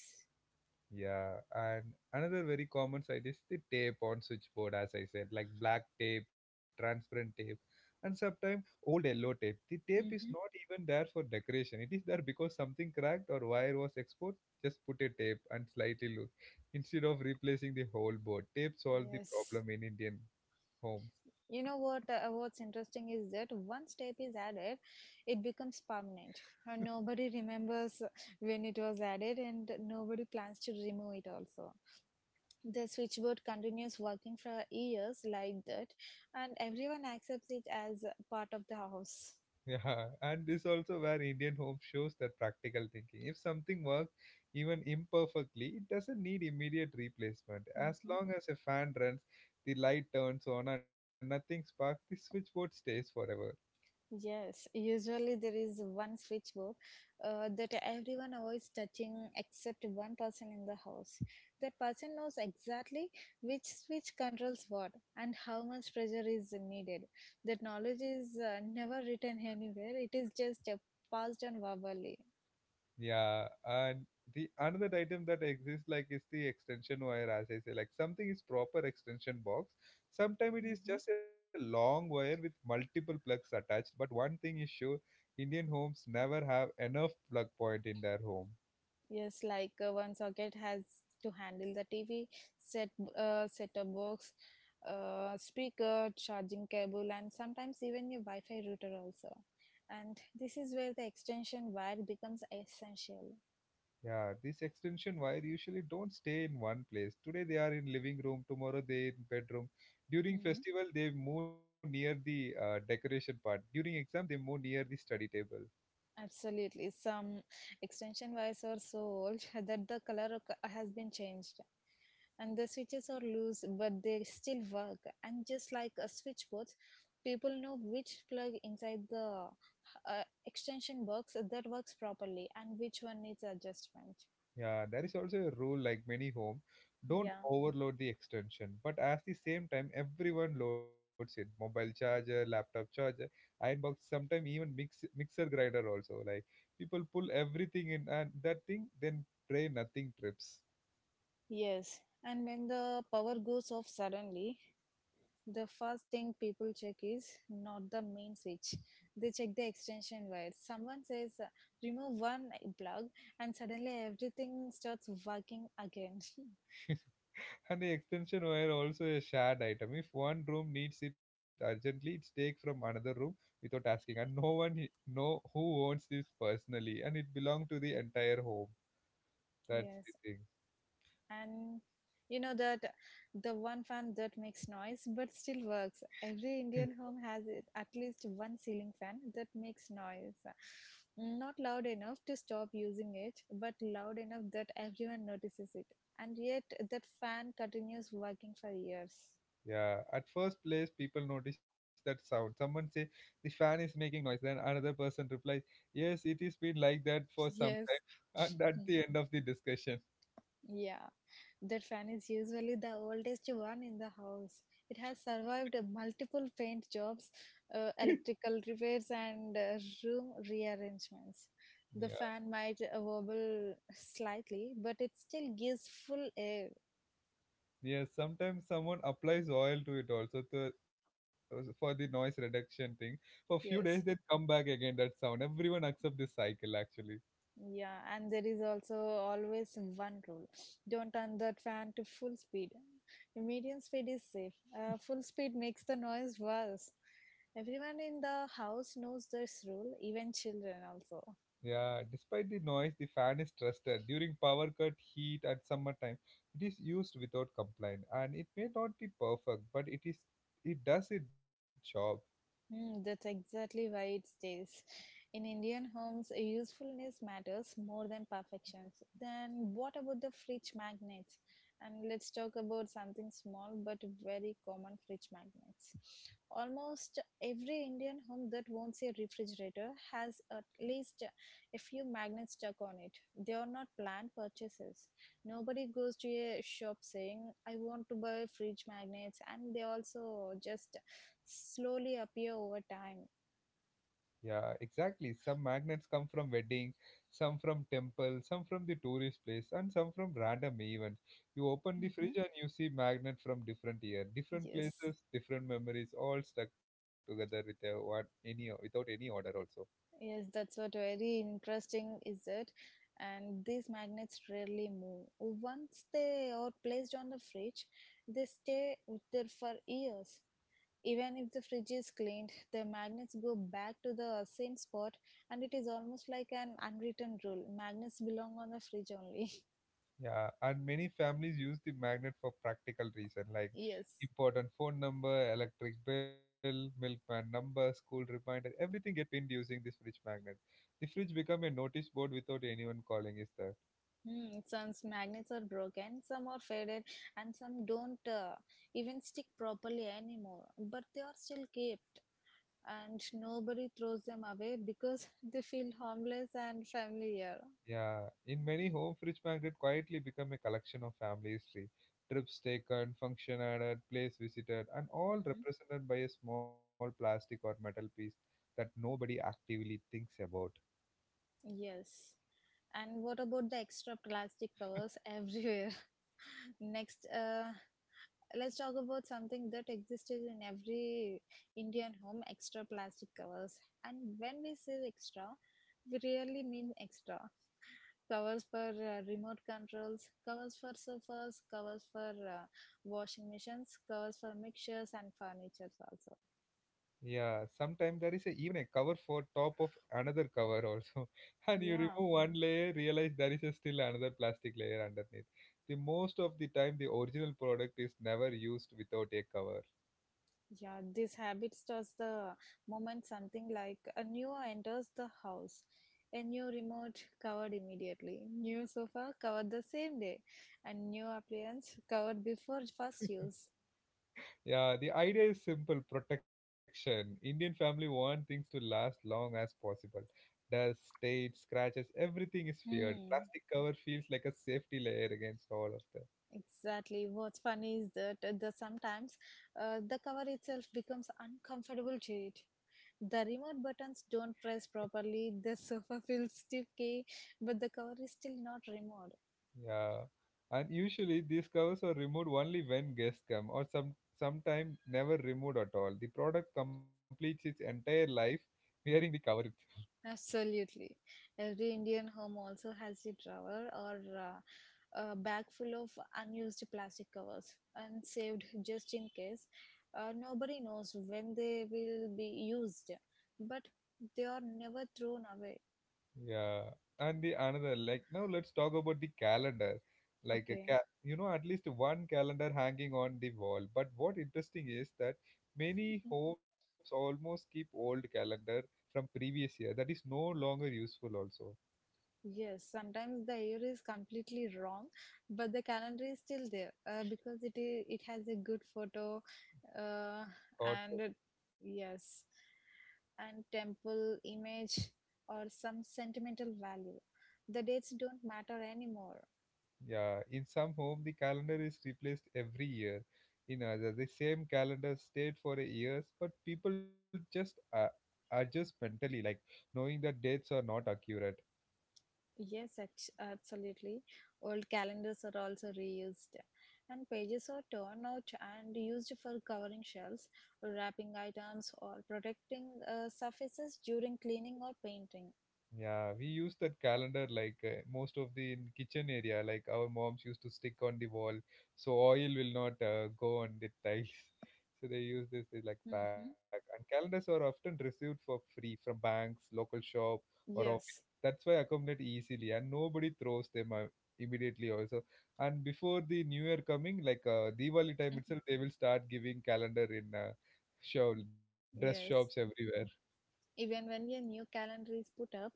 Speaker 1: Yeah, and another very common side is the tape on switchboard, as I said, like black tape, transparent tape, and sometimes old yellow tape. The tape is
Speaker 2: Hmm.
Speaker 1: not even there for decoration. It is there because something cracked or wire was exposed. Just put a tape and slightly loose instead of replacing the whole board. Tape solved the
Speaker 2: Yes.
Speaker 1: problem in Indian homes.
Speaker 2: You know what? What's interesting is that one step is added, it becomes permanent. And nobody remembers when it was added, and nobody plans to remove it. Also, the switchboard continues working for years like that, and everyone accepts it as part of the house.
Speaker 1: Yeah, and this also where Indian home shows that practical thinking. If something works, even imperfectly, it doesn't need immediate replacement. As
Speaker 2: Mhm.
Speaker 1: long as a fan runs, the light turns on, and nothing sparks, the switchboard stays forever.
Speaker 2: Yes, usually there is one switchboard that everyone avoids touching except one person in the house. That person knows exactly which switch controls what and how much pressure is needed. That knowledge is never written anywhere, it is just passed on verbally.
Speaker 1: Yeah, and the another item that exists like is the extension wire, as I say, like something is proper extension box. Sometimes it is
Speaker 2: Mm-hmm.
Speaker 1: just a long wire with multiple plugs attached. But one thing is sure, Indian homes never have enough plug point in their home.
Speaker 2: Yes, like one socket has to handle the TV, set set-top box, speaker, charging cable, and sometimes even your Wi-Fi router also. And this is where the extension wire becomes essential.
Speaker 1: Yeah, this extension wire usually don't stay in one place. Today they are in living room, tomorrow they in bedroom. During
Speaker 2: Hmm.
Speaker 1: festival they move near the decoration part. During exam they move near the study table.
Speaker 2: Absolutely. Some extension wires are so old that the color has been changed and the switches are loose, but they still work. And just like a switchboard, people know which plug inside the extension box that works properly and which one needs adjustment.
Speaker 1: Yeah, there is also a rule like many home, don't
Speaker 2: Yeah.
Speaker 1: overload the extension. But at the same time, everyone loads it. Mobile charger, laptop charger, iron box, sometimes even mixer grinder also. Like people pull everything in and that thing, then pray nothing trips.
Speaker 2: Yes. And when the power goes off suddenly, the first thing people check is not the main switch. They check the extension wires. Someone says, remove one plug, and suddenly everything starts working again.
Speaker 1: And the extension wire also a shared item. If one room needs it urgently, it's take from another room without asking, and no one know who owns this personally, and it belongs to the entire home. That's the
Speaker 2: Yes.
Speaker 1: thing.
Speaker 2: And you know that the one fan that makes noise but still works, every Indian home has at least one ceiling fan that makes noise, not loud enough to stop using it, but loud enough that everyone notices it, and yet that fan continues working for years.
Speaker 1: Yeah. At first place, people notice that sound. Someone say the fan is making noise. Then another person replies, "Yes, it is been like that for some
Speaker 2: Yes.
Speaker 1: time." And at
Speaker 2: Hmm.
Speaker 1: the end of the discussion,
Speaker 2: Yeah. That fan is usually the oldest one in the house. It has survived multiple paint jobs, electrical repairs, and room rearrangements. The
Speaker 1: yeah.
Speaker 2: fan might wobble slightly, but it still gives full air.
Speaker 1: Yes, sometimes someone applies oil to it also to, for the noise reduction thing. For few days, they
Speaker 2: Yes.
Speaker 1: come back again that sound. Everyone accept this cycle actually.
Speaker 2: Yeah, and there is also always one rule, don't turn the fan to full speed. Medium speed is safe, full speed makes the noise worse. Everyone in the house knows this rule, even children also.
Speaker 1: Yeah, despite the noise, the fan is trusted. During power cut, heat at summertime, it is used without complaint, and it may not be perfect, but it is it does its job.
Speaker 2: Mm, that's exactly why it stays. In Indian homes, usefulness matters more than perfections. Then, what about the fridge magnets? And let's talk about something small but very common, fridge magnets. Almost every Indian home that won't say refrigerator has at least a few magnets stuck on it. They are not planned purchases. Nobody goes to a shop saying, I want to buy fridge magnets, and they also just slowly appear over time.
Speaker 1: Yeah, exactly. Some magnets come from wedding, some from temple, some from the tourist place, and some from random events. You open the
Speaker 2: Hmm.
Speaker 1: fridge and you see magnet from different year, different
Speaker 2: Yes,
Speaker 1: places, different memories, all stuck together with a what any without any order also.
Speaker 2: yes, that's what very interesting is it. And these magnets rarely move. Once they are placed on the fridge, they stay with there for years. Even if the fridge is cleaned, the magnets go back to the same spot, and it is almost like an unwritten rule. Magnets belong on the fridge only.
Speaker 1: Yeah, and many families use the magnet for practical reason like
Speaker 2: Yes.
Speaker 1: important phone number, electric bill, milkman number, school reminder. Everything get pinned using this fridge magnet. The fridge become a notice board without anyone calling is there.
Speaker 2: Hmm, some magnets are broken, some are faded, and some don't even stick properly anymore. But they are still kept, and nobody throws them away because they feel harmless and familiar.
Speaker 1: Yeah, in many home fridge magnet quietly become a collection of family history, trips taken, function added, place visited, and all
Speaker 2: Mhm.
Speaker 1: represented by a small plastic or metal piece that nobody actively thinks about.
Speaker 2: Yes. And what about the extra plastic covers everywhere? Next, let's talk about something that existed in every Indian home, extra plastic covers. And when we say extra, we really mean extra. Covers for remote controls, covers for sofas, covers for washing machines, covers for mixtures and furnitures also.
Speaker 1: Yeah, sometimes there is a, even a cover for top of another cover also, and you remove
Speaker 2: Yeah.
Speaker 1: one layer, realize there is a still another plastic layer underneath. The most of the time, the original product is never used without a cover.
Speaker 2: Yeah, these habits does the moment something like a new enters the house, a new remote covered immediately, new sofa covered the same day, and new appliance covered before first use.
Speaker 1: Yeah, the idea is simple protection. Indian family want things to last long as possible. Dust, stains, scratches, everything is feared.
Speaker 2: Hmm.
Speaker 1: Plastic cover feels like a safety layer against all of them.
Speaker 2: Exactly. What's funny is that the sometimes the cover itself becomes uncomfortable to it. The remote buttons don't press properly. The sofa feels sticky, but the cover is still not removed.
Speaker 1: Yeah. And usually these covers are removed only when guests come or sometime never removed at all. The product completes its entire life wearing the cover.
Speaker 2: Absolutely. Every Indian home also has a drawer or a bag full of unused plastic covers and saved just in case. Nobody knows when they will be used, but they are never thrown away.
Speaker 1: Yeah, and the another like now let's talk about the calendar. Like a
Speaker 2: Okay.
Speaker 1: ca you know, at least one calendar hanging on the wall. But what interesting is that many homes almost keep old calendar from previous year that is no longer useful also.
Speaker 2: Yes, sometimes the year is completely wrong, but the calendar is still there because it has a good photo, uh,
Speaker 1: God,
Speaker 2: and it- yes, and temple image or some sentimental value. The dates don't matter anymore.
Speaker 1: yeah. In some home, the calendar is replaced every year. In others, the same calendar stayed for years, but people just adjust mentally, like knowing that dates are not accurate.
Speaker 2: Yes, absolutely. Old calendars are also reused, and pages are torn out and used for covering shelves, wrapping items, or protecting surfaces during cleaning or painting.
Speaker 1: Yeah, we use that calendar like most of the in kitchen area. Like our moms used to stick on the wall, so oil will not go on the tiles. So they use this like pack.
Speaker 2: Hmm.
Speaker 1: And calendars are often received for free from banks, local shop, or office.
Speaker 2: Yes,
Speaker 1: That's why accumulate easily, and nobody throws them out immediately also. And before the new year coming, like Diwali time itself, they will start giving calendar in show dress shops
Speaker 2: yes.
Speaker 1: everywhere.
Speaker 2: Even when a new calendar is put up,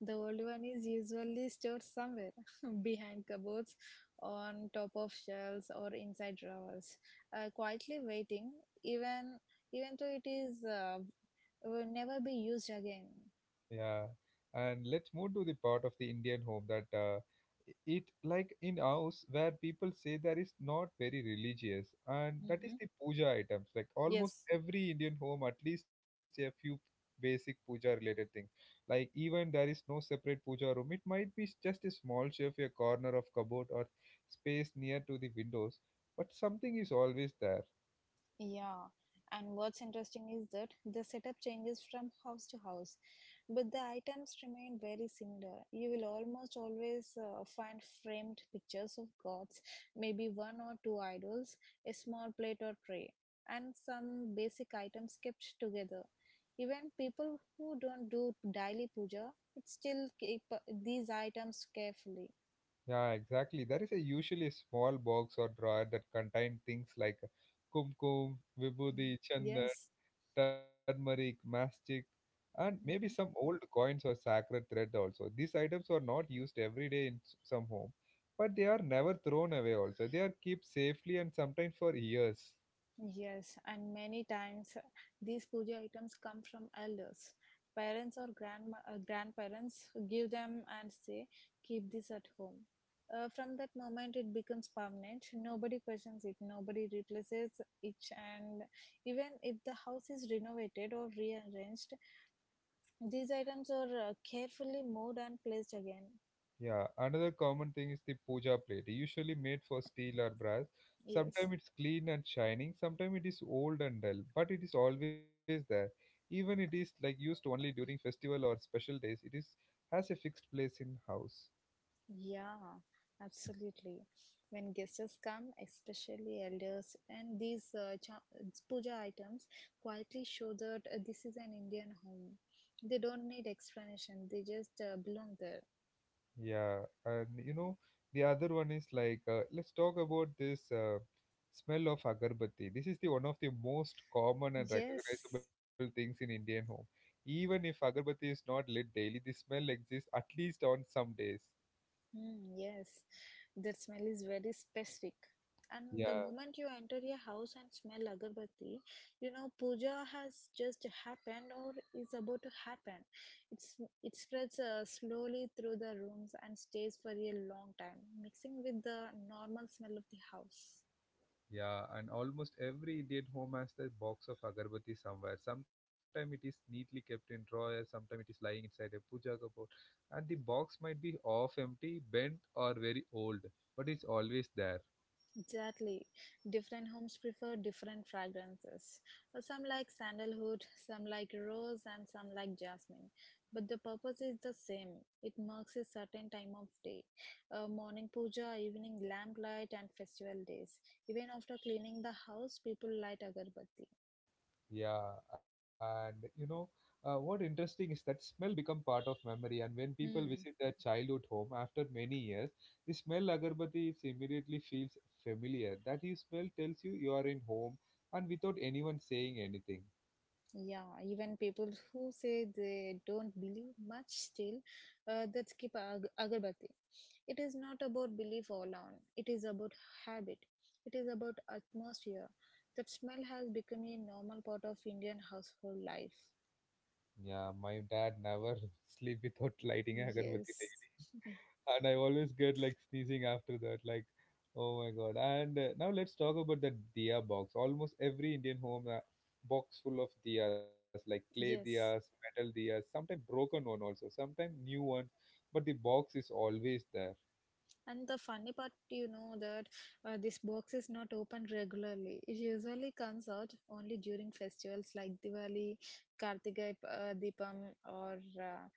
Speaker 2: the old one is usually stored somewhere behind cupboards, on top of shelves, or inside drawers, quietly waiting, even even though it is will never be used again.
Speaker 1: Yeah, and let's move to the part of the Indian home that it like in house where people say that is not very religious, and that is
Speaker 2: Mhm.
Speaker 1: the puja items. Like almost
Speaker 2: Yes.
Speaker 1: every Indian home, at least a few basic puja related things. Like even there is no separate puja room, it might be just a small shelf, a corner of cupboard, or space near to the windows, but something is always there.
Speaker 2: Yeah, and what's interesting is that the setup changes from house to house, but the items remain very similar. You will almost always find framed pictures of gods, maybe one or two idols, a small plate or tray, and some basic items kept together. Even people who don't do daily puja, it still keep these items carefully.
Speaker 1: Yeah, exactly. There is a usually small box or drawer that contain things like kumkum,
Speaker 2: Mm.
Speaker 1: vibhuti, chandan,
Speaker 2: Yes.
Speaker 1: turmeric, mastic, and maybe some old coins or sacred thread also. These items are not used every day in some home, but they are never thrown away also. They are kept safely and sometimes for years.
Speaker 2: Yes, and many times these puja items come from elders. Parents or grandma, grandparents give them and say, keep this at home. From that moment, it becomes permanent. Nobody questions it, nobody replaces it. And even if the house is renovated or rearranged, these items are carefully moved and placed again.
Speaker 1: Yeah, another common thing is the puja plate, usually made for steel or brass.
Speaker 2: Yes.
Speaker 1: Sometimes it's clean and shining, sometimes it is old and dull, but it is always there. Even it is like used only during festival or special days, it is has a fixed place in house.
Speaker 2: Yeah, absolutely. When guests come, especially elders, and these puja items quietly show that this is an Indian home. They don't need explanation, they just belong there.
Speaker 1: Yeah, and you know, the other one is like, let's talk about this smell of agarbatti. This is the one of the most common and
Speaker 2: Yes.
Speaker 1: recognizable things in Indian home. Even if agarbatti is not lit daily, the smell exists at least on some days.
Speaker 2: Mm, yes, that smell is very specific. And the
Speaker 1: Yeah,
Speaker 2: moment you enter your house and smell agarbatti, you know puja has just happened or is about to happen. It's it spreads slowly through the rooms and stays for a long time, mixing with the normal smell of the house.
Speaker 1: yeah, and almost every Indian home has the box of agarbatti somewhere. Sometimes it is neatly kept in drawer, sometimes it is lying inside a puja cupboard, and the box might be half empty, bent, or very old, but it's always there.
Speaker 2: Exactly. Different homes prefer different fragrances. Some like sandalwood, some like rose, and some like jasmine. But the purpose is the same. It marks a certain time of day. Morning puja, evening lamplight, and festival days. Even after cleaning the house, people light agarbatti.
Speaker 1: Yeah, and you know, what interesting is that smell become part of memory, and when people
Speaker 2: Hmm.
Speaker 1: visit their childhood home after many years, the smell agarbatti is immediately feels familiar. That you smell tells you you are in home, and without anyone saying anything.
Speaker 2: Yeah, even people who say they don't believe much still, that's keep agarbatti. It is not about belief alone. It is about habit. It is about atmosphere. That smell has become a normal part of Indian household life.
Speaker 1: Yeah, my dad never sleep without lighting a agarbatti.
Speaker 2: Yes,
Speaker 1: And I always get like sneezing after that. Like, oh my god! And now let's talk about the diya box. Almost every Indian home box full of diyas, like clay diyas,
Speaker 2: yes.
Speaker 1: metal diyas, sometimes broken one also, sometimes new ones. But the box is always there.
Speaker 2: And the funny part, you know, that this box is not opened regularly. It usually comes out only during festivals like Diwali, Kartika Deepam, or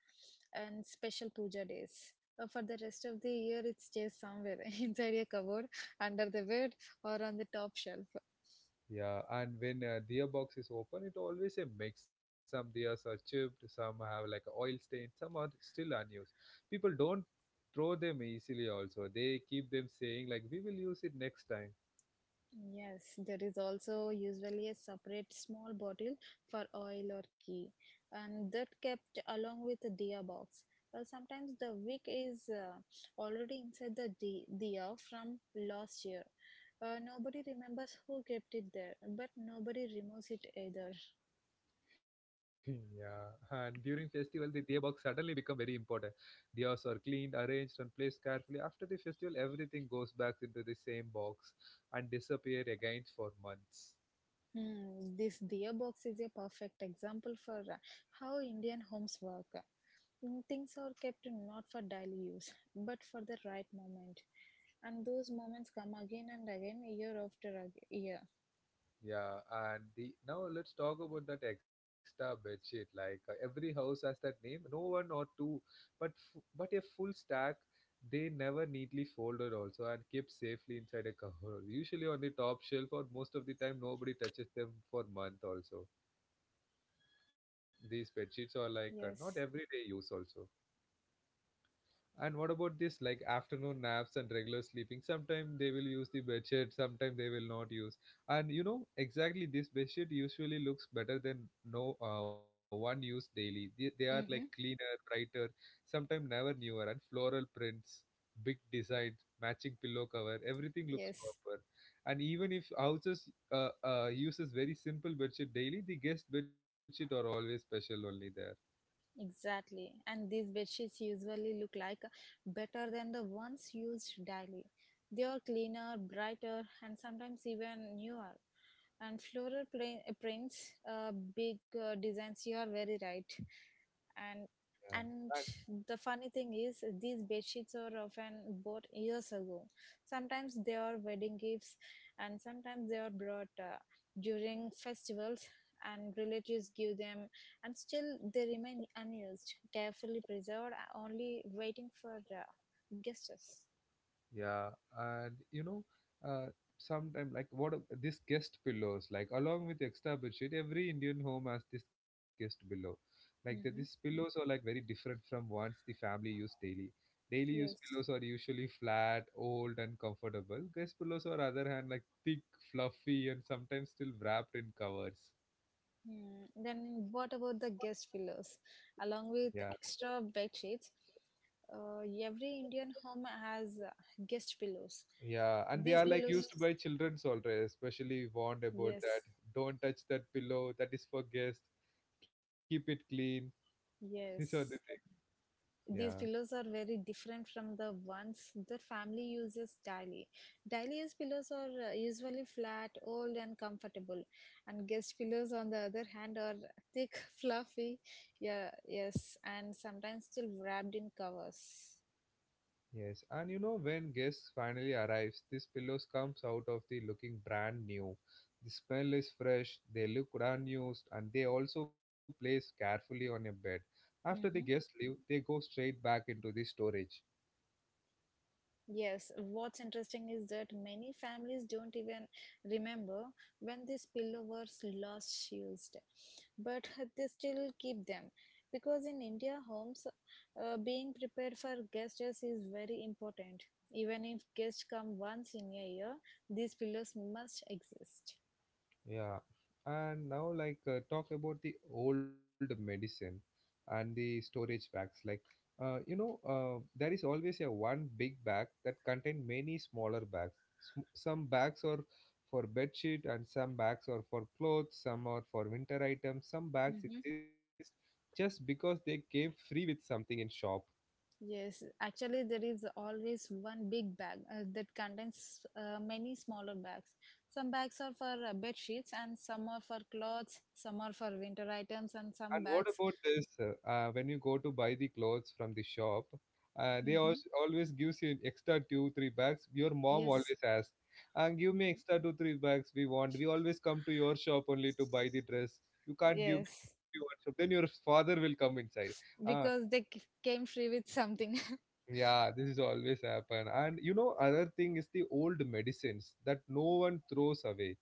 Speaker 2: and special puja days. For the rest of the year, it stays somewhere inside a cupboard, under the bed, or on the top shelf.
Speaker 1: Yeah, and when a diya box is open, it always a mix. Some diyas are chipped, some have like a oil stain, some are still unused. People don't throw them easily. Also, they keep them saying like, "We will use it next time."
Speaker 2: Yes, there is also usually a separate small bottle for oil or ghee, and that kept along with the diya box. Sometimes the wick is already inside the diya from last year. Nobody remembers who kept it there, but nobody removes it either.
Speaker 1: Yeah, and during festival, the diya box suddenly become very important. Diyas are cleaned, arranged, and placed carefully. After the festival, everything goes back into the same box and disappear again for months.
Speaker 2: Hmm, this dear box is a perfect example for how Indian homes work. Mm, things are kept not for daily use, but for the right moment. And those moments come again and again, year after year.
Speaker 1: Yeah, and the now let's talk about that extra bedsheet. Like every house has that name, no one or two, but but a full stack. They never neatly folded also and kept safely inside a cover. Usually on the top shelf, or most of the time nobody touches them for month also. These bed sheets are like not everyday
Speaker 2: Yes.
Speaker 1: use also. And what about this like afternoon naps and regular sleeping? Sometimes they will use the bed sheet, sometimes they will not use. And you know exactly this bed sheet usually looks better than no one used daily. They are like
Speaker 2: Mm-hmm.
Speaker 1: cleaner, brighter, sometimes never newer, and floral prints, big designs, matching pillow cover. Everything looks
Speaker 2: Yes.
Speaker 1: proper. And even if houses uses very simple bedsheet daily, the guest bedsheet are always special only there.
Speaker 2: Exactly. And these bedsheets usually look like better than the ones used daily. They are cleaner, brighter, and sometimes even newer. And floral prints, big designs, you are very right. And
Speaker 1: Yeah,
Speaker 2: and
Speaker 1: and
Speaker 2: the funny thing is, these bedsheets are often bought years ago. Sometimes they are wedding gifts, and sometimes they are brought during festivals, and relatives give them and still they remain unused, carefully preserved, only waiting for guests.
Speaker 1: yeah, and you know, uh, sometime like what this guest pillows like along with extra bedsheet, every Indian home has this guest pillow. Like that, these
Speaker 2: Mm-hmm.
Speaker 1: pillows are like very different from ones the family use daily. Daily use
Speaker 2: Yes.
Speaker 1: pillows are usually flat, old, and comfortable. Guest pillows, on other hand, like thick, fluffy, and sometimes still wrapped in covers.
Speaker 2: Hmm. Then what about the guest pillows, along
Speaker 1: Yeah.
Speaker 2: with extra bed sheets? Every Indian home has guest pillows.
Speaker 1: Yeah, and they
Speaker 2: These
Speaker 1: are like
Speaker 2: pillows,
Speaker 1: used because by children's already, especially warned about that.
Speaker 2: yes,
Speaker 1: Don't touch that pillow, that is for guests. Keep it clean. These are the things.
Speaker 2: yes,
Speaker 1: Yeah,
Speaker 2: these pillows are very different from the ones that family uses daily. Daily use pillows are usually flat, old, and comfortable, and guest pillows, on the other hand, are thick, fluffy, yeah, yes, and sometimes still wrapped in covers.
Speaker 1: yes. And you know, when guests finally arrives, these pillows comes out of the looking brand new. The smell is fresh, they look unused, and they also place carefully on a bed. After the
Speaker 2: Mm-hmm.
Speaker 1: guests leave, they go straight back into the storage.
Speaker 2: Yes, what's interesting is that many families don't even remember when these pillow was last used, but they still keep them because in India homes, being prepared for guests is very important. Even if guests come once in a year, these pillows must exist.
Speaker 1: Yeah, and now like talk about the old medicine and the storage bags. Like, you know, there is always a one big bag that contain many smaller bags. Some bags are for bed sheet and some bags are for clothes. Some are for winter items. Some bags
Speaker 2: Mhm.
Speaker 1: exist just because they came free with something in shop.
Speaker 2: Yes, actually, there is always one big bag that contains many smaller bags. Some bags are for bed sheets, and some are for clothes, some are for winter items,
Speaker 1: And
Speaker 2: and
Speaker 1: what
Speaker 2: some
Speaker 1: about
Speaker 2: bags.
Speaker 1: this? When you go to buy the clothes from the shop, they
Speaker 2: Mm-hmm.
Speaker 1: always always gives you extra 2 3 bags. Your mom
Speaker 2: Yes,
Speaker 1: always asks, "Give me extra 2 3 bags. We want. We always come to your shop only to buy the dress. You can't give me one
Speaker 2: yes,
Speaker 1: shop. Then your father will come inside. Ah,
Speaker 2: because they came free with something.
Speaker 1: yeah, this is always happen. And you know, other thing is the old medicines that no one throws away.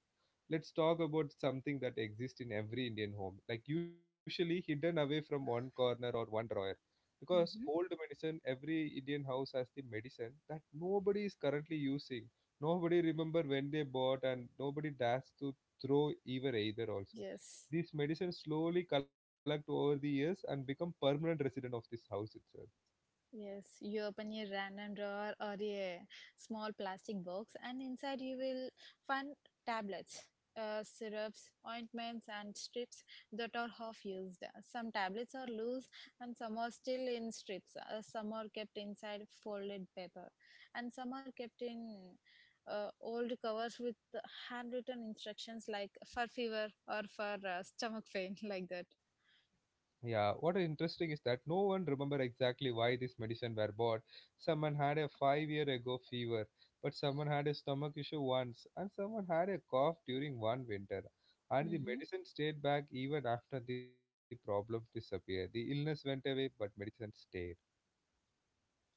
Speaker 1: Let's talk about something that exists in every Indian home, like usually hidden away from one corner or one drawer. Because
Speaker 2: Hmm.
Speaker 1: old medicine, every Indian house has the medicine that nobody is currently using. Nobody remember when they bought and nobody dares to throw either also.
Speaker 2: Yes.
Speaker 1: These medicines slowly collect over the years and become permanent resident of this house itself.
Speaker 2: Yes, you open a random drawer or a small plastic box, and inside you will find tablets, syrups, ointments, and strips that are half used. Some tablets are loose, and some are still in strips. Some are kept inside folded paper, and some are kept in old covers with handwritten instructions like for fever or for stomach pain, like that.
Speaker 1: Yeah, what is interesting is that no one remember exactly why this medicine were bought. Someone had a 5 year ago fever, but someone had a stomach issue once, and someone had a cough during one winter. And the medicine stayed back even after the problem disappeared. The illness went away, but medicine stayed.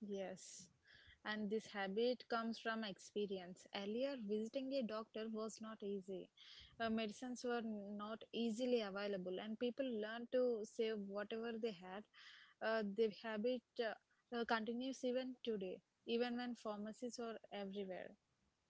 Speaker 2: Yes, and this habit comes from experience. Earlier, visiting a doctor was not easy. Medicines were not easily available, and people learned to save whatever they had. The habit continues even today, even when pharmacies are everywhere.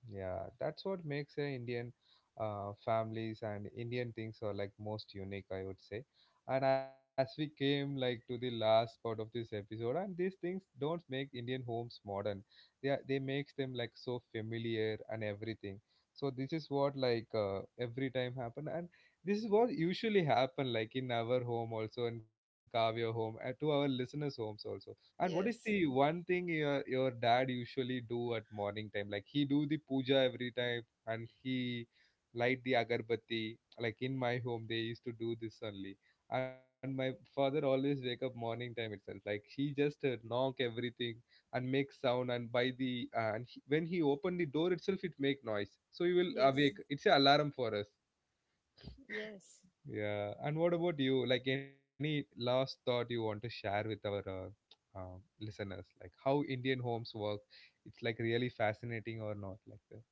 Speaker 1: Yeah, that's what makes Indian families and Indian things are like most unique, I would say. And as we came like to the last part of this episode, and these things don't make Indian homes modern. They makes them like so familiar and everything. So this is what like every time happen, and this is what usually happen like in our home also, in Kavya home, and to our listeners' homes also. And what is the
Speaker 2: Yes,
Speaker 1: one thing your dad usually do at morning time? Like he do the puja every time, and he light the agarbatti. Like in my home, they used to do this only. And my father always wake up morning time itself. Like he just knock everything and make sound. And by the and he, when he open the door itself, it make noise. So you will
Speaker 2: yes,
Speaker 1: awake. It's a alarm for us.
Speaker 2: yes,
Speaker 1: Yeah. And what about you? Like any last thought you want to share with our listeners? Like how Indian homes work? It's like really fascinating or not like that?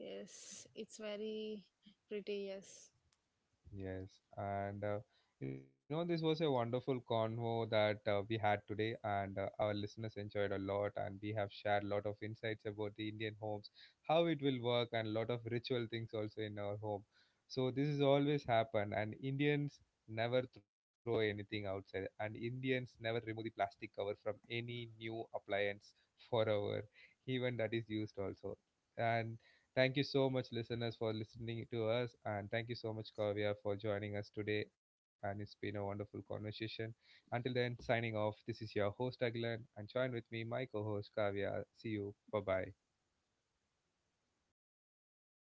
Speaker 2: yes. It's very pretty, yes.
Speaker 1: Yes, and you know, this was a wonderful convo that we had today, and our listeners enjoyed a lot, and we have shared a lot of insights about the Indian homes, how it will work, and a lot of ritual things also in our home. So this is always happen, and Indians never throw anything outside, and Indians never remove the plastic cover from any new appliance forever, even that is used also. And thank you so much, listeners, for listening to us. And thank you so much, Kavya, for joining us today. And it's been a wonderful conversation. Until then, signing off. This is your host, Agilan, and join with me, my co host, Kavya. See you. Bye bye.